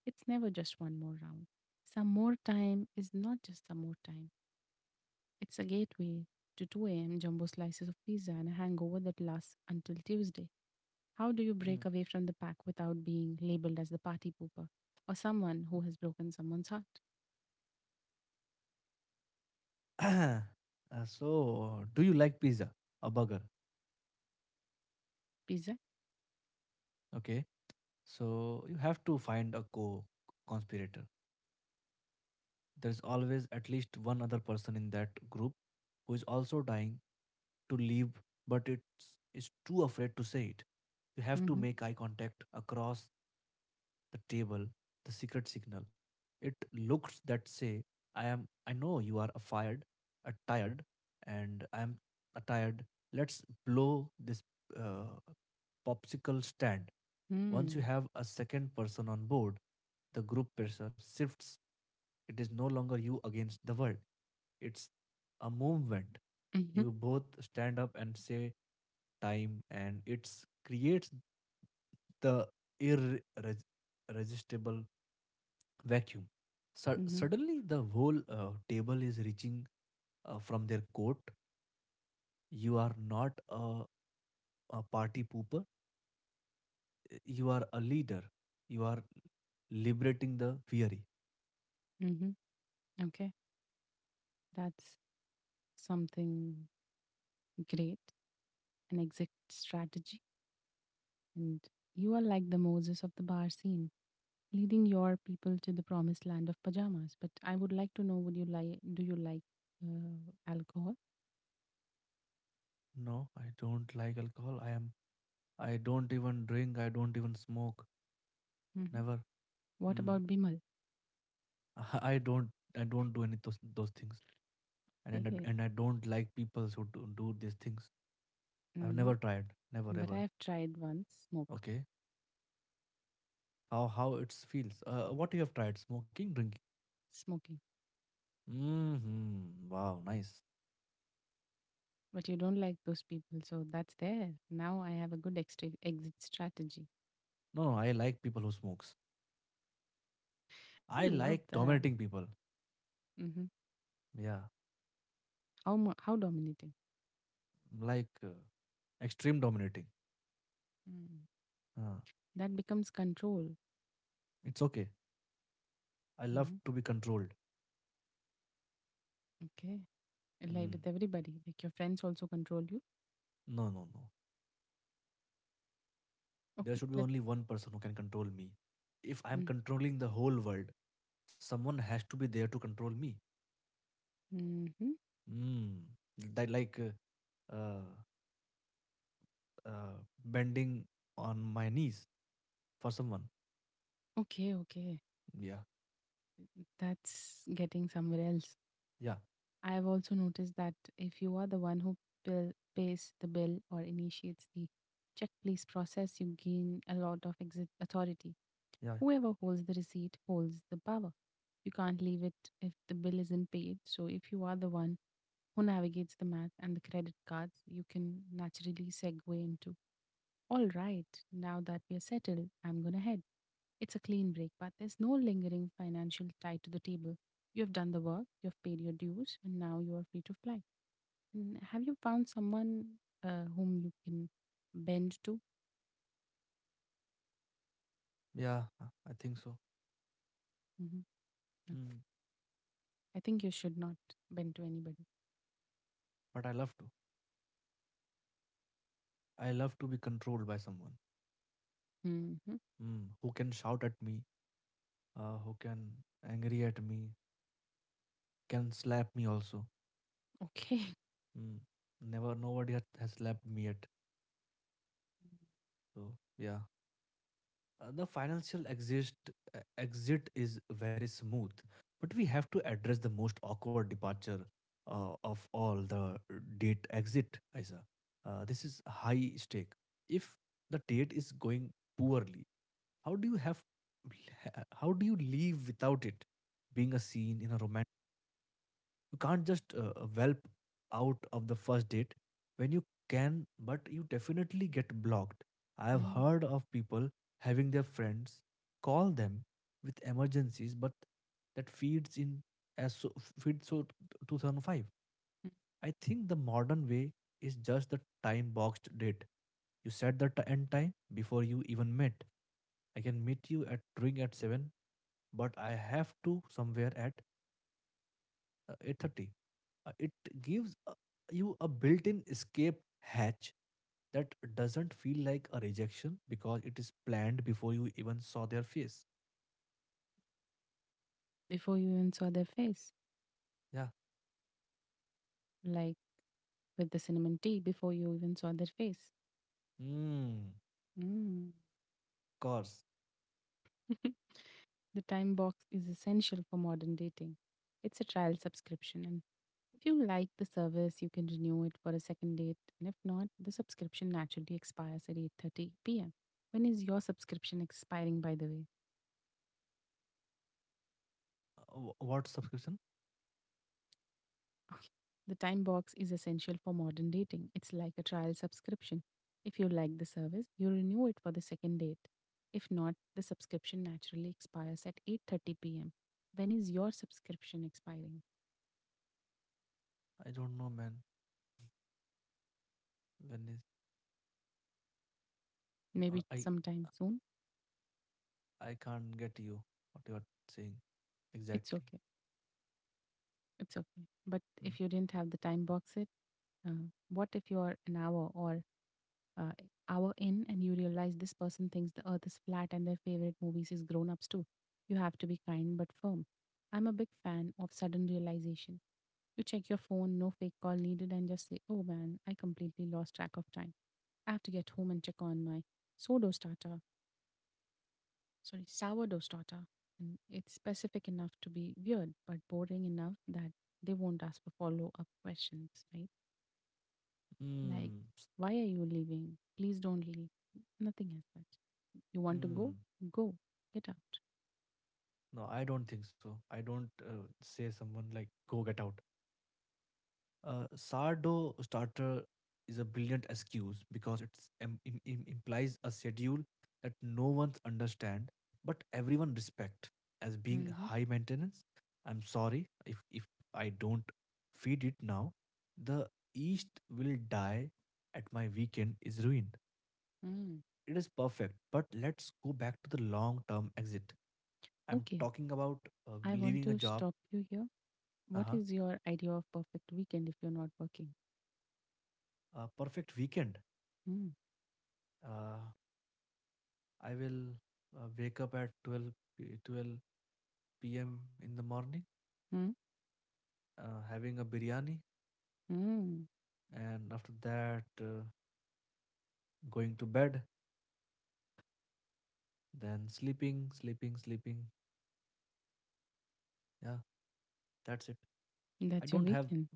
Speaker 1: It's never just one more round. Some more time is not just some more time. It's a gateway to two a m jumbo slices of pizza and a hangover that lasts until Tuesday. How do you break away from the pack without being labeled as the party pooper or someone who has broken someone's heart?
Speaker 2: Mm. Uh, so, do you like pizza? A burger?
Speaker 1: Pizza.
Speaker 2: Okay. So you have to find a co conspirator. There's always at least one other person in that group who is also dying to leave, but it's is too afraid to say it. You have to
Speaker 1: Mhm.
Speaker 2: make eye contact across the table, the secret signal. It looks that say, I am I know you are fired, tired, and I am tired. Let's blow this uh, popsicle stand. Once you
Speaker 1: Mm.
Speaker 2: have a second person on board, the group pressure shifts. It is no longer you against the world. It's a movement.
Speaker 1: Mhm.
Speaker 2: You both stand up and say time, and it creates the irresistible vacuum. Su-
Speaker 1: Mhm.
Speaker 2: suddenly, the whole uh, table is reaching uh, from their coat. You are not a, a party pooper, you are a leader. You are liberating the weary.
Speaker 1: Mhm. Okay. That's something great. An exit strategy. And you are like the Moses of the bar scene, leading your people to the promised land of pajamas. But I would like to know, would you like do you like uh, alcohol?
Speaker 2: No, I don't like alcohol. I am. I don't even drink. I don't even smoke.
Speaker 1: Hmm.
Speaker 2: Never.
Speaker 1: What about
Speaker 2: Mm.
Speaker 1: Bimal?
Speaker 2: I don't. I don't do any those those things. And and
Speaker 1: Yeah.
Speaker 2: I- and I don't like people who do, do these things. I've
Speaker 1: Hmm.
Speaker 2: never tried. Never
Speaker 1: But I
Speaker 2: ever.
Speaker 1: have tried once smoke
Speaker 2: Okay. how how it feels. Uh, what you have tried? Smoking, drinking.
Speaker 1: smoking.
Speaker 2: Hmm. Wow. Nice.
Speaker 1: But you don't like those people, so that's there. Now I have a good extra exit strategy.
Speaker 2: No, no. I like people who smokes. I
Speaker 1: I love
Speaker 2: like
Speaker 1: that.
Speaker 2: dominating people.
Speaker 1: Mhm.
Speaker 2: Yeah.
Speaker 1: How mu- how dominating?
Speaker 2: Like uh, extreme dominating.
Speaker 1: Mm.
Speaker 2: Uh,
Speaker 1: That becomes control.
Speaker 2: it's okay. I love
Speaker 1: Mm-hmm.
Speaker 2: to be controlled.
Speaker 1: Okay. Like
Speaker 2: Mm.
Speaker 1: with everybody, like your friends also control you.
Speaker 2: No, no, no. There
Speaker 1: Okay,
Speaker 2: should be
Speaker 1: let's.
Speaker 2: only one person who can control me. If I'm
Speaker 1: Mm.
Speaker 2: controlling the whole world, someone has to be there to control me.
Speaker 1: Mm-hmm.
Speaker 2: Mm. That like uh, uh, uh, bending on my knees for someone.
Speaker 1: Okay, okay.
Speaker 2: Yeah.
Speaker 1: That's getting somewhere else.
Speaker 2: Yeah.
Speaker 1: I've also noticed that if you are the one who bill, pays the bill or initiates the check please process, you gain a lot of exit authority.
Speaker 2: Yeah,
Speaker 1: Whoever holds the receipt holds the power. You can't leave it if the bill isn't paid. So if you are the one who navigates the math and the credit cards, you can naturally segue into, "All right, now that we are settled, I'm going to head." It's a clean break, but there's no lingering financial tie to the table. You have done the work, you have paid your dues, and now you are free to fly. And have you found someone uh, whom you can bend to?
Speaker 2: yeah, uh, I think so.
Speaker 1: Hmm.
Speaker 2: Mm.
Speaker 1: I think you should not bend to anybody.
Speaker 2: But I love to. I love to be controlled by someone.
Speaker 1: Hmm.
Speaker 2: Mm. Who can shout at me, uh, who can angry at me, can slap me also.
Speaker 1: Okay.
Speaker 2: Mm. Never, nobody has, has slapped me yet. So yeah, uh, the financial exit uh, exit is very smooth, but we have to address the most awkward departure uh, of all the date exit, Isa. Uh, this is high stake. If the date is going poorly, how do you have how do you leave without it being a scene in a romance? You can't just uh, uh, whelp out of the first date when you can, but you definitely get blocked. I have
Speaker 1: Mm.
Speaker 2: heard of people having their friends call them with emergencies, but that feeds in as so, feeds so two thousand five. I think the modern way is just the time boxed date. You set the t- end time before you even met. I can meet you at drink at seven, but I have to somewhere at uh, eight thirty. Uh, it gives uh, you a built-in escape hatch that doesn't feel like a rejection because it is planned before you even saw their face.
Speaker 1: Before you even saw their face,
Speaker 2: Yeah.
Speaker 1: like with the cinnamon tea, before you even saw their face.
Speaker 2: Hmm.
Speaker 1: Mm.
Speaker 2: Course.
Speaker 1: The time box is essential for modern dating. It's a trial subscription, and if you like the service, you can renew it for a second date. And if not, the subscription naturally expires at eight thirty p m. When is your subscription expiring, by the way?
Speaker 2: Uh, wh- what subscription?
Speaker 1: Okay. The time box is essential for modern dating. It's like a trial subscription. If you like the service, you renew it for the second date. If not, the subscription naturally expires at eight thirty p m. When is your subscription expiring?
Speaker 2: I don't know, man. When is uh,
Speaker 1: Maybe
Speaker 2: I
Speaker 1: sometime soon.
Speaker 2: I can't get you what you are saying
Speaker 1: It's
Speaker 2: exactly.
Speaker 1: okay. It's okay. But
Speaker 2: Mm.
Speaker 1: if you didn't have the time box it, uh, what if you're an hour or uh, hour in and you realize this person thinks the earth is flat and their favorite movies is grown ups too? You have to be kind but firm. I'm a big fan of sudden realization. You check your phone, no fake call needed, and just say, "Oh man, I completely lost track of time. I have to get home and check on my sodo starter, sorry, sourdough starter." And it's specific enough to be weird, but boring enough that they won't ask for follow up questions, right? Like,
Speaker 2: Mm. S-
Speaker 1: why are you leaving? Please don't leave. Nothing as such. You want to go?
Speaker 2: Mm.
Speaker 1: Go. Get out.
Speaker 2: No, I don't think so. I don't uh, say someone like go get out. Uh, sourdough starter is a brilliant excuse because it implies a schedule that no one understands but everyone respect as being
Speaker 1: Mm-hmm.
Speaker 2: high maintenance. I'm sorry if, if I don't feed it now. The yeast will die at my weekend is ruined.
Speaker 1: Mm.
Speaker 2: It is perfect, but let's go back to the long term exit. I'm
Speaker 1: Okay.
Speaker 2: talking about uh,
Speaker 1: I want
Speaker 2: leaving a
Speaker 1: to
Speaker 2: job,
Speaker 1: stop you here. What
Speaker 2: uh-huh,
Speaker 1: is your idea of perfect weekend if you're not working?
Speaker 2: a perfect weekend.
Speaker 1: Mm.
Speaker 2: Uh, I will uh, wake up at twelve, p- twelve p m in the morning,
Speaker 1: Mm.
Speaker 2: uh, having a biryani,
Speaker 1: Mm.
Speaker 2: and after that, uh, going to bed, then sleeping, sleeping, sleeping. Yeah, that's it. I
Speaker 1: That's your
Speaker 2: don't have,
Speaker 1: weekend.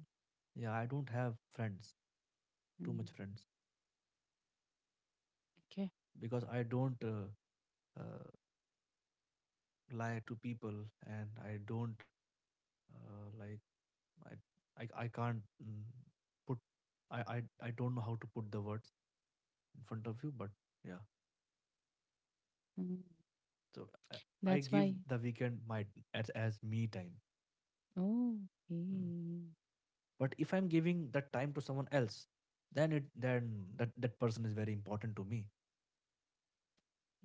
Speaker 2: yeah, I don't have friends, too
Speaker 1: Mm.
Speaker 2: much friends,
Speaker 1: Okay.
Speaker 2: because I don't uh, uh, lie to people and I don't uh, like, I, I, I can't mm, put, I, I, I don't know how to put the words in front of you, but yeah.
Speaker 1: Mm.
Speaker 2: So I, I
Speaker 1: That's
Speaker 2: give
Speaker 1: why.
Speaker 2: the weekend my as, as me time.
Speaker 1: Oh,
Speaker 2: Mm.
Speaker 1: okay.
Speaker 2: But if I'm giving that time to someone else, then it then that, that person is very important to me.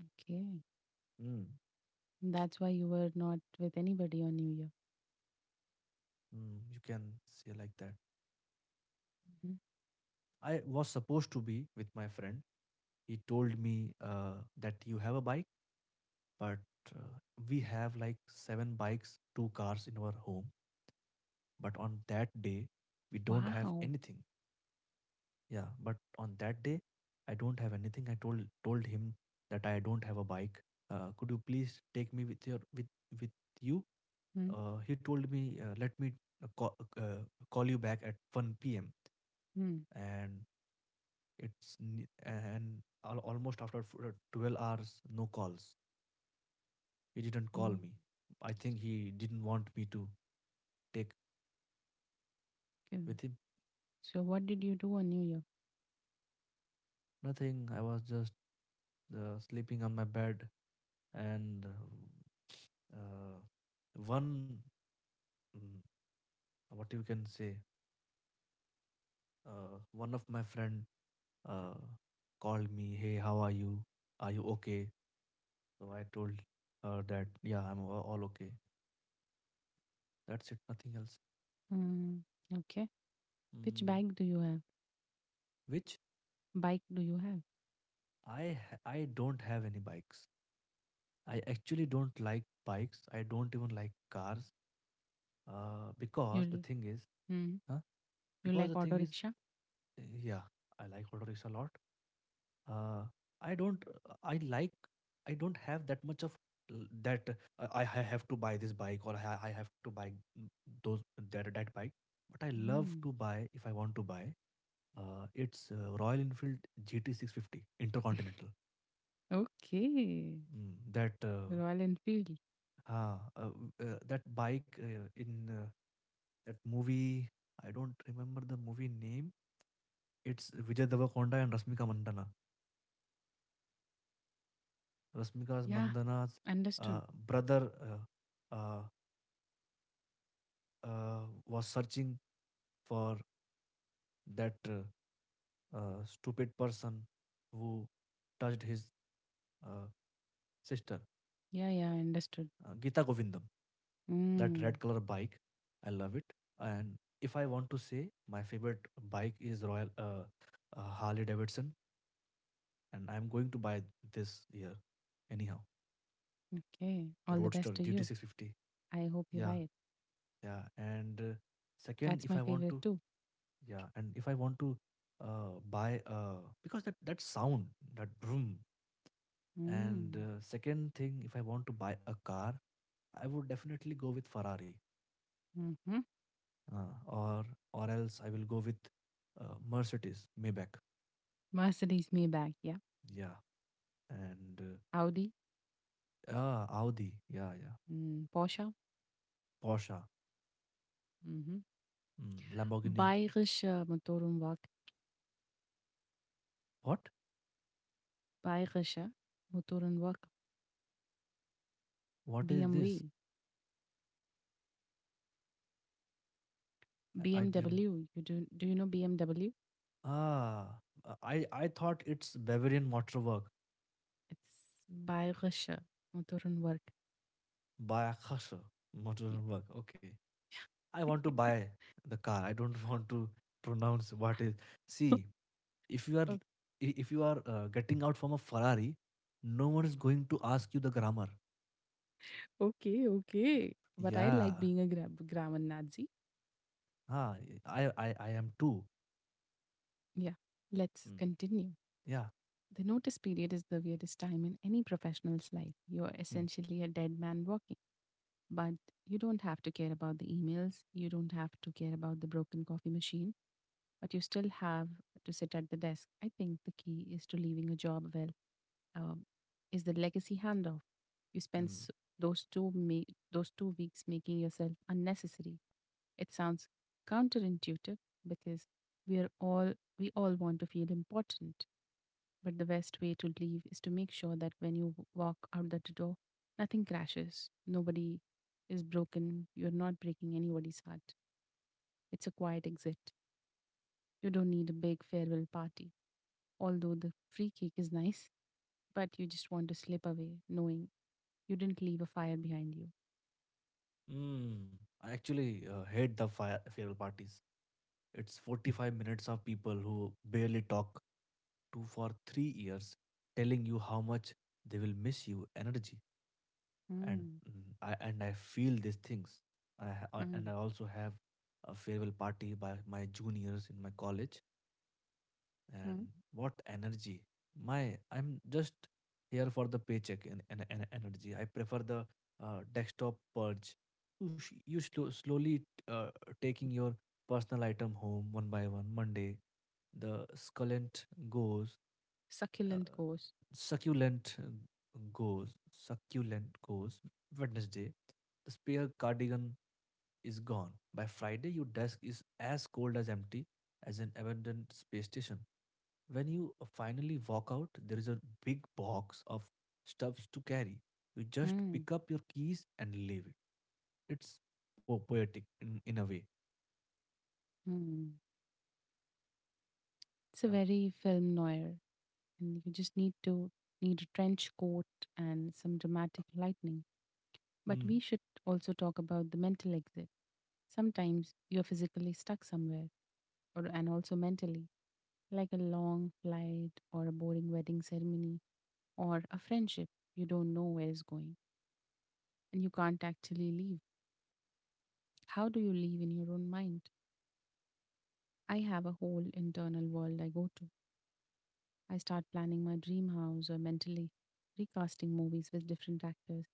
Speaker 1: Okay.
Speaker 2: Mm.
Speaker 1: That's why you were not with anybody on New Year.
Speaker 2: Mm, you can say like that.
Speaker 1: Mhm.
Speaker 2: I was supposed to be with my friend. He told me uh, that you have a bike, but uh, we have like seven bikes, two cars in our home. But on that day, we don't have
Speaker 1: Wow.
Speaker 2: anything. Yeah, but on that day, I don't have anything. I told told him that I don't have a bike. Uh, could you please take me with your with with you?
Speaker 1: Mm.
Speaker 2: Uh, he told me, uh, let me uh, call, uh, call you back at one p m
Speaker 1: Hmm.
Speaker 2: And it's ne- and al- almost after f- uh, twelve hours, no calls. He didn't call
Speaker 1: Mm.
Speaker 2: me. I think he didn't want me to take
Speaker 1: Mm.
Speaker 2: with him.
Speaker 1: So what did you do on New Year?
Speaker 2: Nothing. I was just uh, sleeping on my bed, and uh, one Mm, what you can say uh, one of my friend uh, called me. Hey, how are you? Are you okay? So I told her that, yeah, I'm a- all okay. That's it, nothing else.
Speaker 1: Mm. Okay. Which
Speaker 2: Mm.
Speaker 1: bike do you have?
Speaker 2: Which
Speaker 1: Bike do you have?
Speaker 2: i ha- I don't have any bikes. I actually don't like bikes. I don't even like cars uh,
Speaker 1: You
Speaker 2: because the
Speaker 1: l-
Speaker 2: thing is,
Speaker 1: mm.
Speaker 2: huh?
Speaker 1: You
Speaker 2: Because the
Speaker 1: like auto
Speaker 2: thing is,
Speaker 1: rickshaw?
Speaker 2: yeah, I like auto rickshaw a lot. Uh, I don't. I like. I don't have that much of l- that. Uh, I I have to buy this bike or I I have to buy mm, those that that bike. But I love
Speaker 1: Mm.
Speaker 2: to buy if I want to buy. Uh, it's uh, Royal Enfield G T six fifty Intercontinental.
Speaker 1: Okay.
Speaker 2: Mm, that uh,
Speaker 1: Royal Enfield.
Speaker 2: ah, uh, w- uh, that bike uh, in uh, that movie. I don't remember the movie name. It's Vijay Devakonda and Rashmika Mandanna. Rashmika
Speaker 1: Yeah.
Speaker 2: Mandana's uh,
Speaker 1: Understood.
Speaker 2: brother uh, uh, uh, was searching for that uh, uh, stupid person who touched his uh, sister,
Speaker 1: Yeah, yeah, understood.
Speaker 2: uh, Gita Govindam. That red
Speaker 1: Mm.
Speaker 2: color bike, I love it. And if I want to say, my favorite bike is Royal uh, uh, Harley Davidson, and I'm going to buy this year anyhow.
Speaker 1: Okay. All the
Speaker 2: Roadster
Speaker 1: best to you.
Speaker 2: G T six fifty.
Speaker 1: I hope you
Speaker 2: Yeah,
Speaker 1: buy it.
Speaker 2: yeah. And uh, second,
Speaker 1: That's
Speaker 2: if I
Speaker 1: my
Speaker 2: want
Speaker 1: favorite
Speaker 2: to,
Speaker 1: too.
Speaker 2: yeah, and if I want to uh, buy uh, because that that sound, that broom, and
Speaker 1: Mm.
Speaker 2: uh, second thing, if I want to buy a car, I would definitely go with Ferrari,
Speaker 1: Mm-hmm.
Speaker 2: uh, or or else I will go with uh, Mercedes, Maybach,
Speaker 1: Mercedes Maybach. Yeah.
Speaker 2: yeah, and uh,
Speaker 1: Audi.
Speaker 2: ah Audi, yeah, yeah,
Speaker 1: Hm, Porsche.
Speaker 2: Porsche,
Speaker 1: Mhm.
Speaker 2: mm, Lamborghini.
Speaker 1: Bayerische Motorenwerk.
Speaker 2: What?
Speaker 1: Bayerische Motorenwerk.
Speaker 2: What is this?
Speaker 1: B M W.
Speaker 2: I, I didn't.
Speaker 1: B M W. You do, do you know B M W?
Speaker 2: Ah, I I thought it's Bavarian Motorwerk,
Speaker 1: It's Bayerische Motorenwerk.
Speaker 2: Bayerische
Speaker 1: Yeah.
Speaker 2: Motorwerk. Okay, I want to buy the car. I don't want to pronounce what is. See, if you are
Speaker 1: Oh,
Speaker 2: if you are uh, getting out from a Ferrari, no one is going to ask you the grammar.
Speaker 1: okay, okay. But I like
Speaker 2: Yeah.
Speaker 1: being a gra- grammar Nazi.
Speaker 2: Ah, I I I am too.
Speaker 1: Yeah. Let's
Speaker 2: Mm.
Speaker 1: continue.
Speaker 2: Yeah.
Speaker 1: The notice period is the weirdest time in any professional's life. You're
Speaker 2: Mm.
Speaker 1: essentially a dead man walking, but you don't have to care about the emails. You don't have to care about the broken coffee machine, but you still have to sit at the desk. I think the key is to leaving a job well, um, is the legacy handoff. You spend
Speaker 2: Mm.
Speaker 1: s- those two me- those two weeks making yourself unnecessary. It sounds counterintuitive because we are all we all want to feel important, but the best way to leave is to make sure that when you w- walk out the door, nothing crashes, nobody is broken, you're not breaking anybody's heart. It's a quiet exit. You don't need a big farewell party, although the free cake is nice, but you just want to slip away knowing you didn't leave a fire behind you.
Speaker 2: Mm. I actually uh, hate the fire, farewell parties. It's forty-five minutes of people who barely talk to for three years telling you how much they will miss you energy. And
Speaker 1: Mm,
Speaker 2: mm, I and I feel these things. I ha- uh, and I
Speaker 1: mm,
Speaker 2: also have a farewell party by my juniors in my college. And
Speaker 1: mm.
Speaker 2: what energy! My I'm just here for the paycheck and, and, and energy. I prefer the uh, desktop purge. You sh- you slo- slowly uh, taking your personal item home one by one. Monday the succulent goes.
Speaker 1: Succulent
Speaker 2: Uh,
Speaker 1: course.
Speaker 2: succulent uh, goes, succulent goes Wednesday. The spare cardigan is gone. By Friday, your desk is as cold as empty as an abandoned space station. When you uh, finally walk out, there is a big box of stuffs to carry. You just
Speaker 1: Mm,
Speaker 2: pick up your keys and leave it. It's po- poetic in, in a way.
Speaker 1: mm. It's a
Speaker 2: Yeah.
Speaker 1: very film noir, and you just need to need a trench coat and some dramatic lightning. But we
Speaker 2: Mm.
Speaker 1: should also talk about the mental exit. Sometimes you're physically stuck somewhere, or and also mentally, like a long flight or a boring wedding ceremony or a friendship you don't know where is going, and you can't actually leave. How do you leave in your own mind? I have a whole internal world I go to. I start planning my dream house or mentally recasting movies with different actors.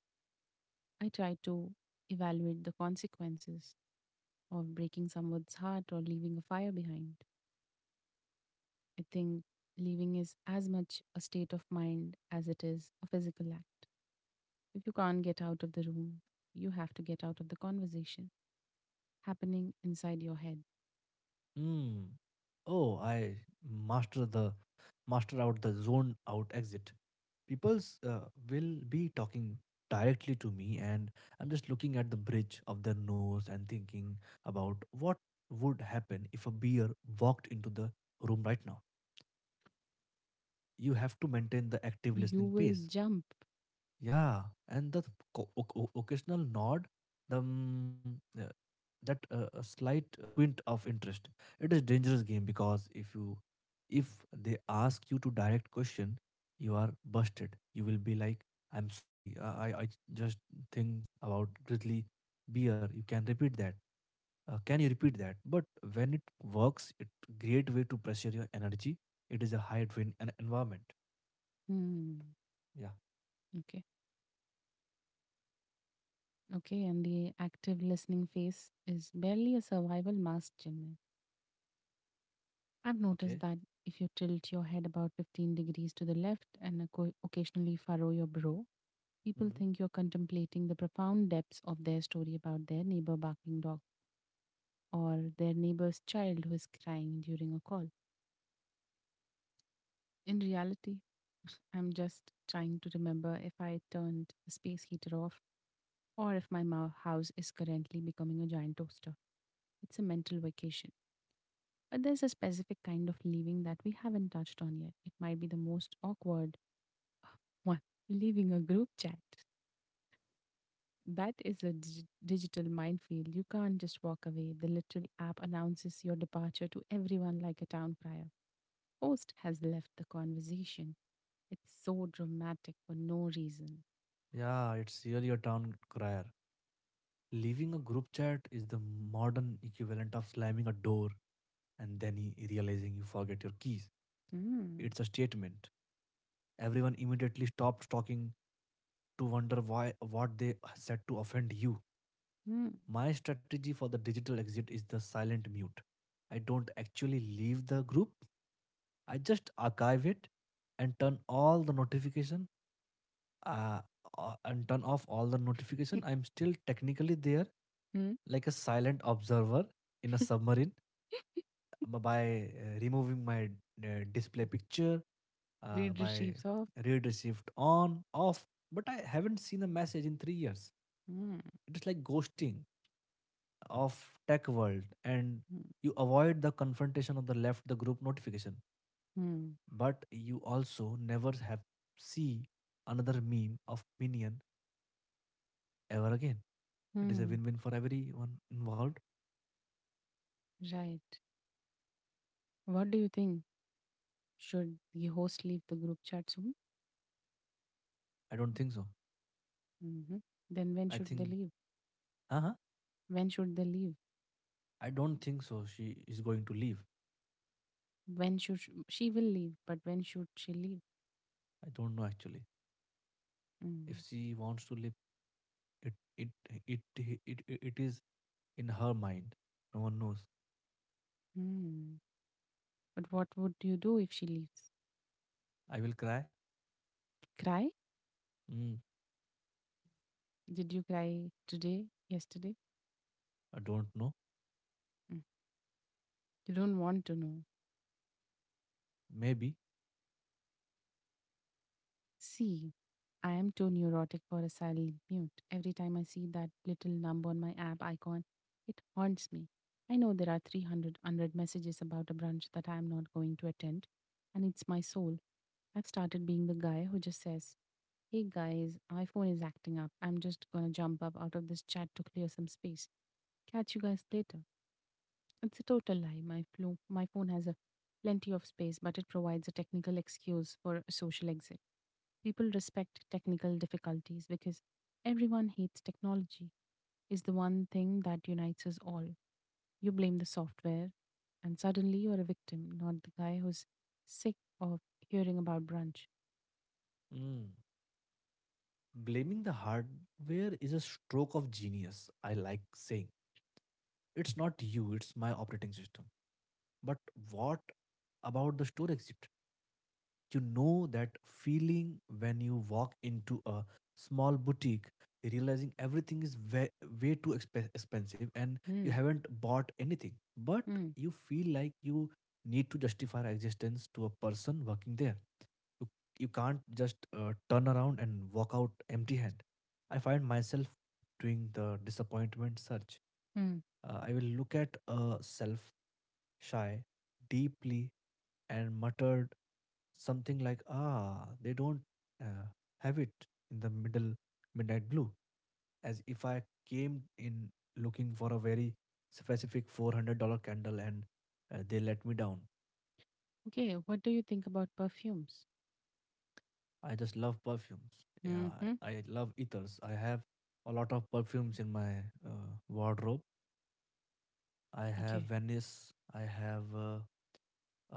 Speaker 1: I try to evaluate the consequences of breaking someone's heart or leaving a fire behind. I think leaving is as much a state of mind as it is a physical act. If you can't get out of the room, you have to get out of the conversation happening inside your head.
Speaker 2: Mm. Oh, I master the master out the zone out exit. People's uh, will be talking directly to me and I'm just looking at the bridge of their nose and thinking about what would happen if a beer walked into the room right now. You have to maintain the active
Speaker 1: You
Speaker 2: listening
Speaker 1: will
Speaker 2: pace,
Speaker 1: jump.
Speaker 2: yeah, and the co- oc- oc- occasional nod, the mm, uh, that uh, a slight uh, squint of interest. It is dangerous game because if you if they ask you to direct question, you are busted. You will be like, "I'm sorry, uh, I I just think about grizzly beer. You can repeat that. Uh, can you repeat that?" But when it works, it great way to pressure your energy. It is a high drain en- environment.
Speaker 1: Hmm.
Speaker 2: Yeah.
Speaker 1: Okay. Okay. And the active listening phase is barely a survival mask, Chinmay. I've noticed
Speaker 2: Okay.
Speaker 1: that if you tilt your head about fifteen degrees to the left and occo- occasionally furrow your brow, people think you're contemplating the profound depths of their story about their neighbor barking dog or their neighbor's child who is crying during a call. In reality, I'm just trying to remember if I turned the space heater off or if my mou- house is currently becoming a giant toaster. It's a mental vacation. But there's a specific kind of leaving that we haven't touched on yet. It might be the most awkward one, leaving a group chat. That is a dig- digital minefield. You can't just walk away. The little app announces your departure to everyone like a town crier. Host has left the conversation. It's so dramatic for no reason.
Speaker 2: Yeah, it's really a town crier. Leaving a group chat is the modern equivalent of slamming a door and then he- realizing you forget your keys.
Speaker 1: Hmm.
Speaker 2: It's a statement. Everyone immediately stops talking to wonder why what they said to offend you.
Speaker 1: Hmm.
Speaker 2: My strategy for the digital exit is the silent mute. I don't actually leave the group. I just archive it and turn all the notification uh, uh, and turn off all the notification. I'm still technically there,
Speaker 1: Hmm.
Speaker 2: like a silent observer in a submarine b- by uh, removing my uh, display picture, uh,
Speaker 1: Read
Speaker 2: by
Speaker 1: receives off.
Speaker 2: read received on, off. But I haven't seen a message in three years.
Speaker 1: Hmm.
Speaker 2: It is like ghosting of tech world, and
Speaker 1: Hmm.
Speaker 2: you avoid the confrontation of the left the group notification,
Speaker 1: Hmm.
Speaker 2: but you also never have see another meme of minion ever again. It is a
Speaker 1: Hmm.
Speaker 2: win-win for everyone involved.
Speaker 1: Right. What do you think? Should the host leave the group chat soon?
Speaker 2: I don't think so.
Speaker 1: Hmm. Then when
Speaker 2: I
Speaker 1: should they
Speaker 2: think,
Speaker 1: leave?
Speaker 2: uh,
Speaker 1: When should they leave?
Speaker 2: I don't think so. She is going to leave.
Speaker 1: When should sh- she will leave? But when should she leave?
Speaker 2: I don't know actually. If
Speaker 1: Mm-hmm.
Speaker 2: she wants to leave, it it it it it, it is in her mind. No one knows.
Speaker 1: Hmm, but what would you do if she leaves?
Speaker 2: I will cry.
Speaker 1: Cry?
Speaker 2: Mm.
Speaker 1: Did you cry today? Yesterday?
Speaker 2: I don't know.
Speaker 1: Mm. You don't want to know.
Speaker 2: Maybe.
Speaker 1: See, I am too neurotic for a silent mute. Every time I see that little number on my app icon, it haunts me. I know there are 300 100 messages about a brunch that I am not going to attend, and it's my soul. I've started being the guy who just says, "Hey guys, iPhone is acting up. I'm just gonna jump up out of this chat to clear some space. Catch you guys later." It's a total lie. My, flo- my phone has a plenty of space, but it provides a technical excuse for a social exit. People respect technical difficulties because everyone hates technology. Is the one thing that unites us all. You blame the software, and suddenly you're a victim, not the guy who's sick of hearing about brunch.
Speaker 2: Mm. Blaming the hardware is a stroke of genius. I like saying it's not you, it's my operating system. But what about the store exit? You know that feeling when you walk into a small boutique, realizing everything is way, way too exp- expensive and you
Speaker 1: Hmm.
Speaker 2: haven't bought anything, but
Speaker 1: Hmm.
Speaker 2: you feel like you need to justify your existence to a person working there. You, you can't just uh, turn around and walk out empty hand. I find myself doing the disappointment search.
Speaker 1: Hmm.
Speaker 2: uh, I will look at a self shy deeply and muttered something like, ah, they don't uh, have it in the middle midnight blue, as if I came in looking for a very specific four hundred dollar candle and uh, they let me down.
Speaker 1: Okay. What do you think about perfumes?
Speaker 2: I just love perfumes. Yeah,
Speaker 1: Hmm.
Speaker 2: I love ethers. I have a lot of perfumes in my uh, wardrobe. I have
Speaker 1: Okay.
Speaker 2: Venice. I have. Uh,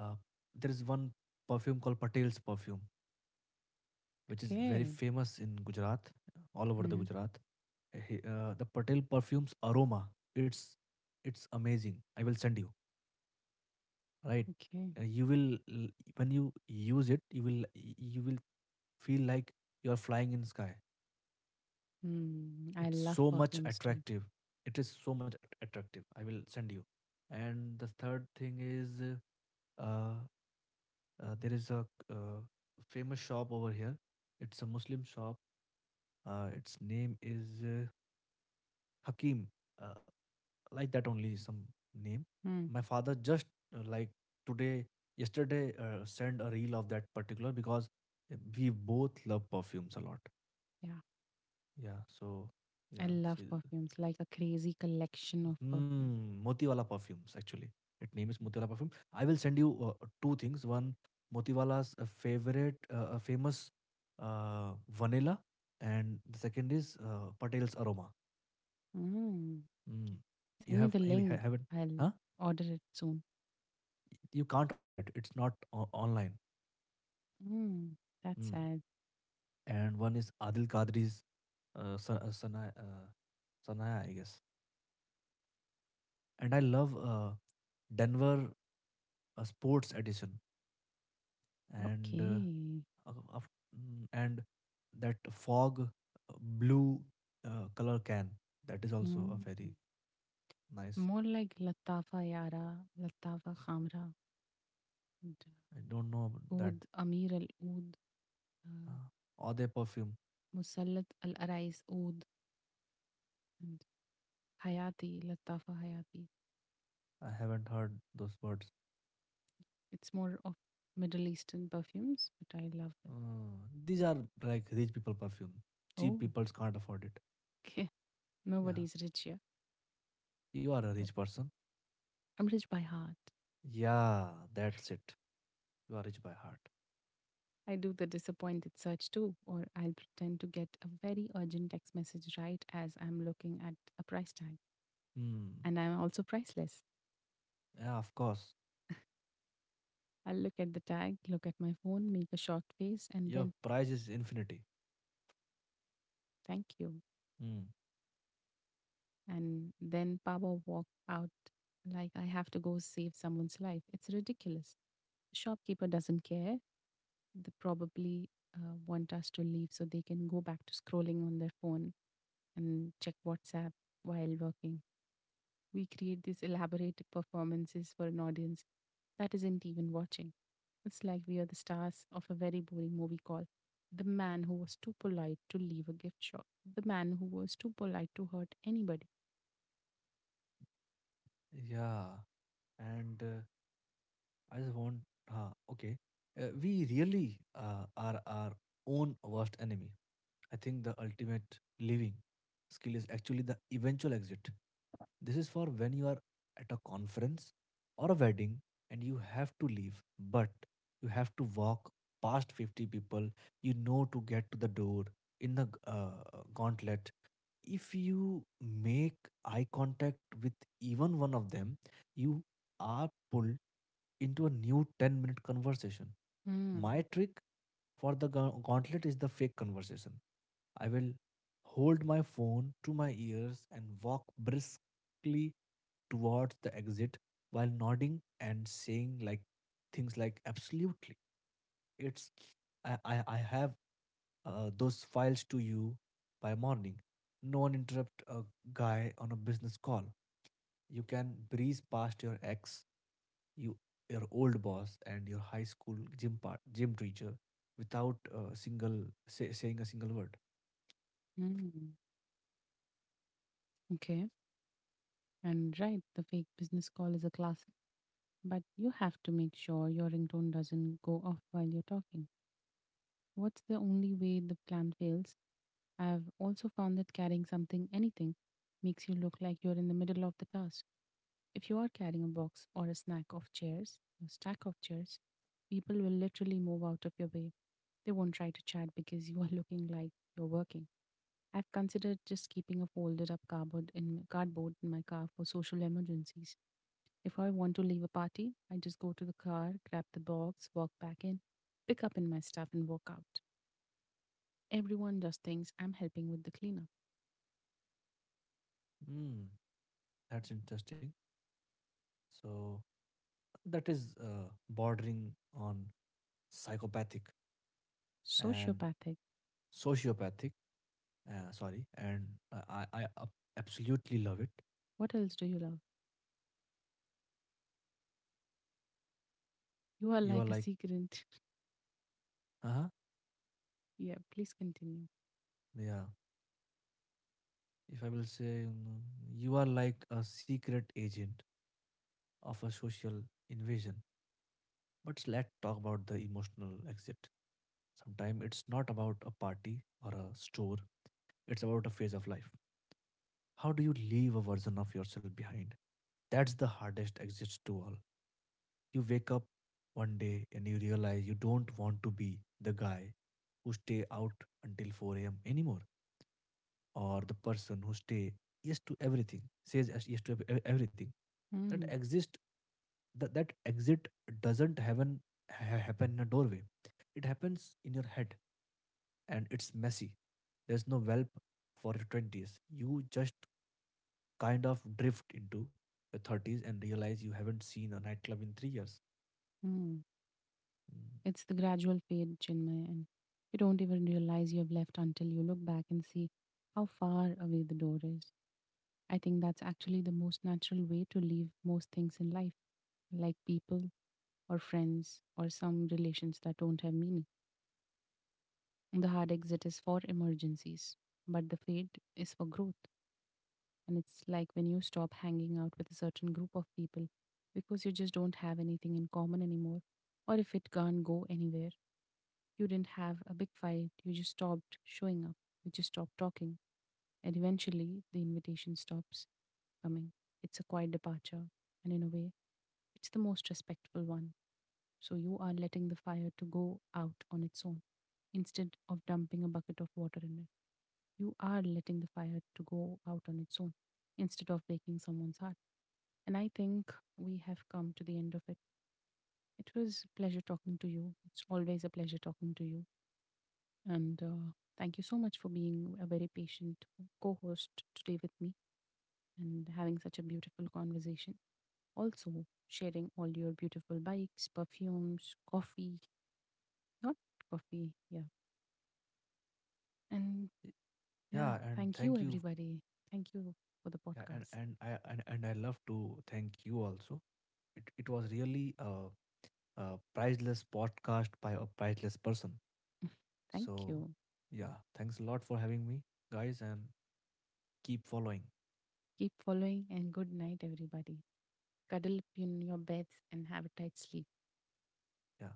Speaker 2: Uh, there is one perfume called Patel's perfume, which is very
Speaker 1: Okay.
Speaker 2: famous in Gujarat, all over the
Speaker 1: Hmm.
Speaker 2: Gujarat. He- uh, the Patel perfume's aroma, it's it's amazing. I will send you. Right.
Speaker 1: Okay.
Speaker 2: Uh, you will l- when you use it, you will y- you will feel like you are flying in sky.
Speaker 1: Mm, I
Speaker 2: It's
Speaker 1: love
Speaker 2: so much
Speaker 1: perfumes too.
Speaker 2: attractive. It is so much at- attractive. I will send you. And the third thing is uh, Uh, there is a uh, famous shop over here. It's a Muslim shop. Uh, its name is uh, Hakim. Uh, like that only some name.
Speaker 1: Mm,
Speaker 2: My father just uh, like today, yesterday, uh, sent a reel of that particular because uh, we both love perfumes a lot.
Speaker 1: yeah,
Speaker 2: Yeah. So
Speaker 1: I
Speaker 2: yeah,
Speaker 1: love
Speaker 2: see,
Speaker 1: perfumes, like a crazy collection of perfume.
Speaker 2: hmm, Motiwala perfumes, actually. Its name is Motiwala perfume. I will send you uh, two things. One, Motiwala's uh, favorite, uh, uh, famous uh, vanilla, and the second is uh, Patel's aroma.
Speaker 1: Mm,
Speaker 2: Hmm.
Speaker 1: okay.
Speaker 2: You
Speaker 1: Send
Speaker 2: have
Speaker 1: me the
Speaker 2: have- ha-
Speaker 1: link.
Speaker 2: haven't?
Speaker 1: I'll
Speaker 2: Huh?
Speaker 1: order it soon.
Speaker 2: You can't order it. It's not o- online.
Speaker 1: Mm, that's
Speaker 2: Hmm.
Speaker 1: sad.
Speaker 2: And one is Adil Kadri's uh, Sa- uh, Sanaya, uh, Sanaya, I guess. And I love uh, Denver uh, Sports Edition. And Uh,
Speaker 1: Okay.
Speaker 2: uh, of- mm, and that fog uh, blue uh, color can, that is also a
Speaker 1: Mm.
Speaker 2: very nice.
Speaker 1: More like Latafa Yara, Latafa Khamra, and
Speaker 2: I don't know about
Speaker 1: uh,
Speaker 2: that
Speaker 1: Oud Amir al Oud, uh,
Speaker 2: uh, ode perfume.
Speaker 1: Musallat al Arais Oud, and Hayati, Latafa Hayati.
Speaker 2: I haven't heard those words.
Speaker 1: It's more of Middle Eastern perfumes, but I love
Speaker 2: Uh,
Speaker 1: them.
Speaker 2: these are like rich people perfume, cheap
Speaker 1: Oh,
Speaker 2: people can't afford it.
Speaker 1: okay.
Speaker 2: Yeah,
Speaker 1: Nobody's rich here,
Speaker 2: you are a
Speaker 1: but
Speaker 2: rich person.
Speaker 1: I'm rich by heart.
Speaker 2: Yeah, that's it, you are rich by heart.
Speaker 1: I do the disappointed search too, or I'll pretend to get a very urgent text message right as I'm looking at a price tag.
Speaker 2: Hmm.
Speaker 1: And I'm also priceless.
Speaker 2: Yeah, of course.
Speaker 1: I'll look at the tag, look at my phone, make a shocked face, and
Speaker 2: Your
Speaker 1: then
Speaker 2: price is infinity.
Speaker 1: thank you.
Speaker 2: Hmm.
Speaker 1: And then power walk out like I have to go save someone's life. It's ridiculous. Shopkeeper doesn't care. They probably uh, want us to leave so they can go back to scrolling on their phone and check WhatsApp while working. We create these elaborate performances for an audience that isn't even watching. It's like we are the stars of a very boring movie called The Man Who Was Too Polite to Leave a Gift Shop, The Man Who Was Too Polite to Hurt Anybody.
Speaker 2: Yeah, and uh, I just want, huh, okay. Uh, we really uh, are our own worst enemy. I think the ultimate living skill is actually the eventual exit. This is for when you are at a conference or a wedding and you have to leave, but you have to walk past fifty people you know to get to the door in the uh, gauntlet. If you make eye contact with even one of them, you are pulled into a new ten minute conversation. My
Speaker 1: Mm,
Speaker 2: trick for the gau- gauntlet is the fake conversation. I will hold my phone to my ears and walk briskly towards the exit while nodding and saying like things like absolutely. it's i i, I have uh, those files to you by morning. No one interrupt a guy on a business call. You can breeze past your ex you your old boss and your high school gym part, gym teacher without a single say, saying a single word.
Speaker 1: mm. Okay. And right, the fake business call is a classic, but you have to make sure your ringtone doesn't go off while you're talking. What's the only way the plan fails? I've also found that carrying something, anything, makes you look like you're in the middle of the task. If you are carrying a box or a snack of chairs, a stack of chairs, people will literally move out of your way. They won't try to chat because you are looking like you're working. I've considered just keeping a folded up cardboard in cardboard in my car for social emergencies. If I want to leave a party, I just go to the car, grab the box, walk back in, pick up in my stuff and walk out. Everyone just thinks I'm helping with the cleanup.
Speaker 2: Hmm, that's interesting. So that is uh, bordering on psychopathic
Speaker 1: So
Speaker 2: and
Speaker 1: sociopathic.
Speaker 2: sociopathic. Uh, sorry, and I, I I ab- absolutely love it.
Speaker 1: What else do you love? You are
Speaker 2: You are
Speaker 1: like a
Speaker 2: like,
Speaker 1: secret.
Speaker 2: uh huh,
Speaker 1: Yeah, please continue.
Speaker 2: yeah. If I will say, mm, you are like a secret agent of a social invasion. But let's talk about the emotional exit. Sometimes it's not about a party or a store, it's about a phase of life. How do you leave a version of yourself behind? That's the hardest exit to all. You wake up one day and you realize you don't want to be the guy who stay out until four a m anymore or the person who stay yes to everything says yes yes to ev- everything that
Speaker 1: Mm,
Speaker 2: exist. That, that exit doesn't happen ha- happen in a doorway, it happens in your head, and it's messy. There's no whelp for your twenties. You just kind of drift into your thirties and realize you haven't seen a nightclub in three years.
Speaker 1: mm.
Speaker 2: Mm.
Speaker 1: It's the gradual fade, Chinmay, and you don't even realize you have left until you look back and see how far away the door is. I think that's actually the most natural way to leave most things in life, like people or friends or some relations that don't have meaning. The hard exit is for emergencies, but the fade is for growth. And it's like when you stop hanging out with a certain group of people because you just don't have anything in common anymore. Or if it can't go anywhere, you didn't have a big fight, you just stopped showing up, you just stopped talking. And eventually, the invitation stops coming. It's a quiet departure, and in a way, it's the most respectful one. So you are letting the fire to go out on its own instead of dumping a bucket of water in it, you are letting the fire to go out on its own instead of breaking someone's heart. And I think we have come to the end of it. It was a pleasure talking to you. It's always a pleasure talking to you. And uh, thank you so much for being a very patient co host today with me and having such a beautiful conversation. Also, sharing all your beautiful bikes, perfumes, coffee, not coffee, yeah. And
Speaker 2: Y-
Speaker 1: yeah,
Speaker 2: yeah, and
Speaker 1: thank you,
Speaker 2: thank you.
Speaker 1: everybody. Thank you for the
Speaker 2: Yeah, and
Speaker 1: podcast.
Speaker 2: and I and, and I love to thank you also. It it was really a, a priceless podcast by a priceless person.
Speaker 1: Thank
Speaker 2: So
Speaker 1: you.
Speaker 2: yeah, thanks a lot for having me, guys, and keep following.
Speaker 1: Keep following, and good night, everybody. Cuddle up in your beds and have a tight sleep.
Speaker 2: Yeah.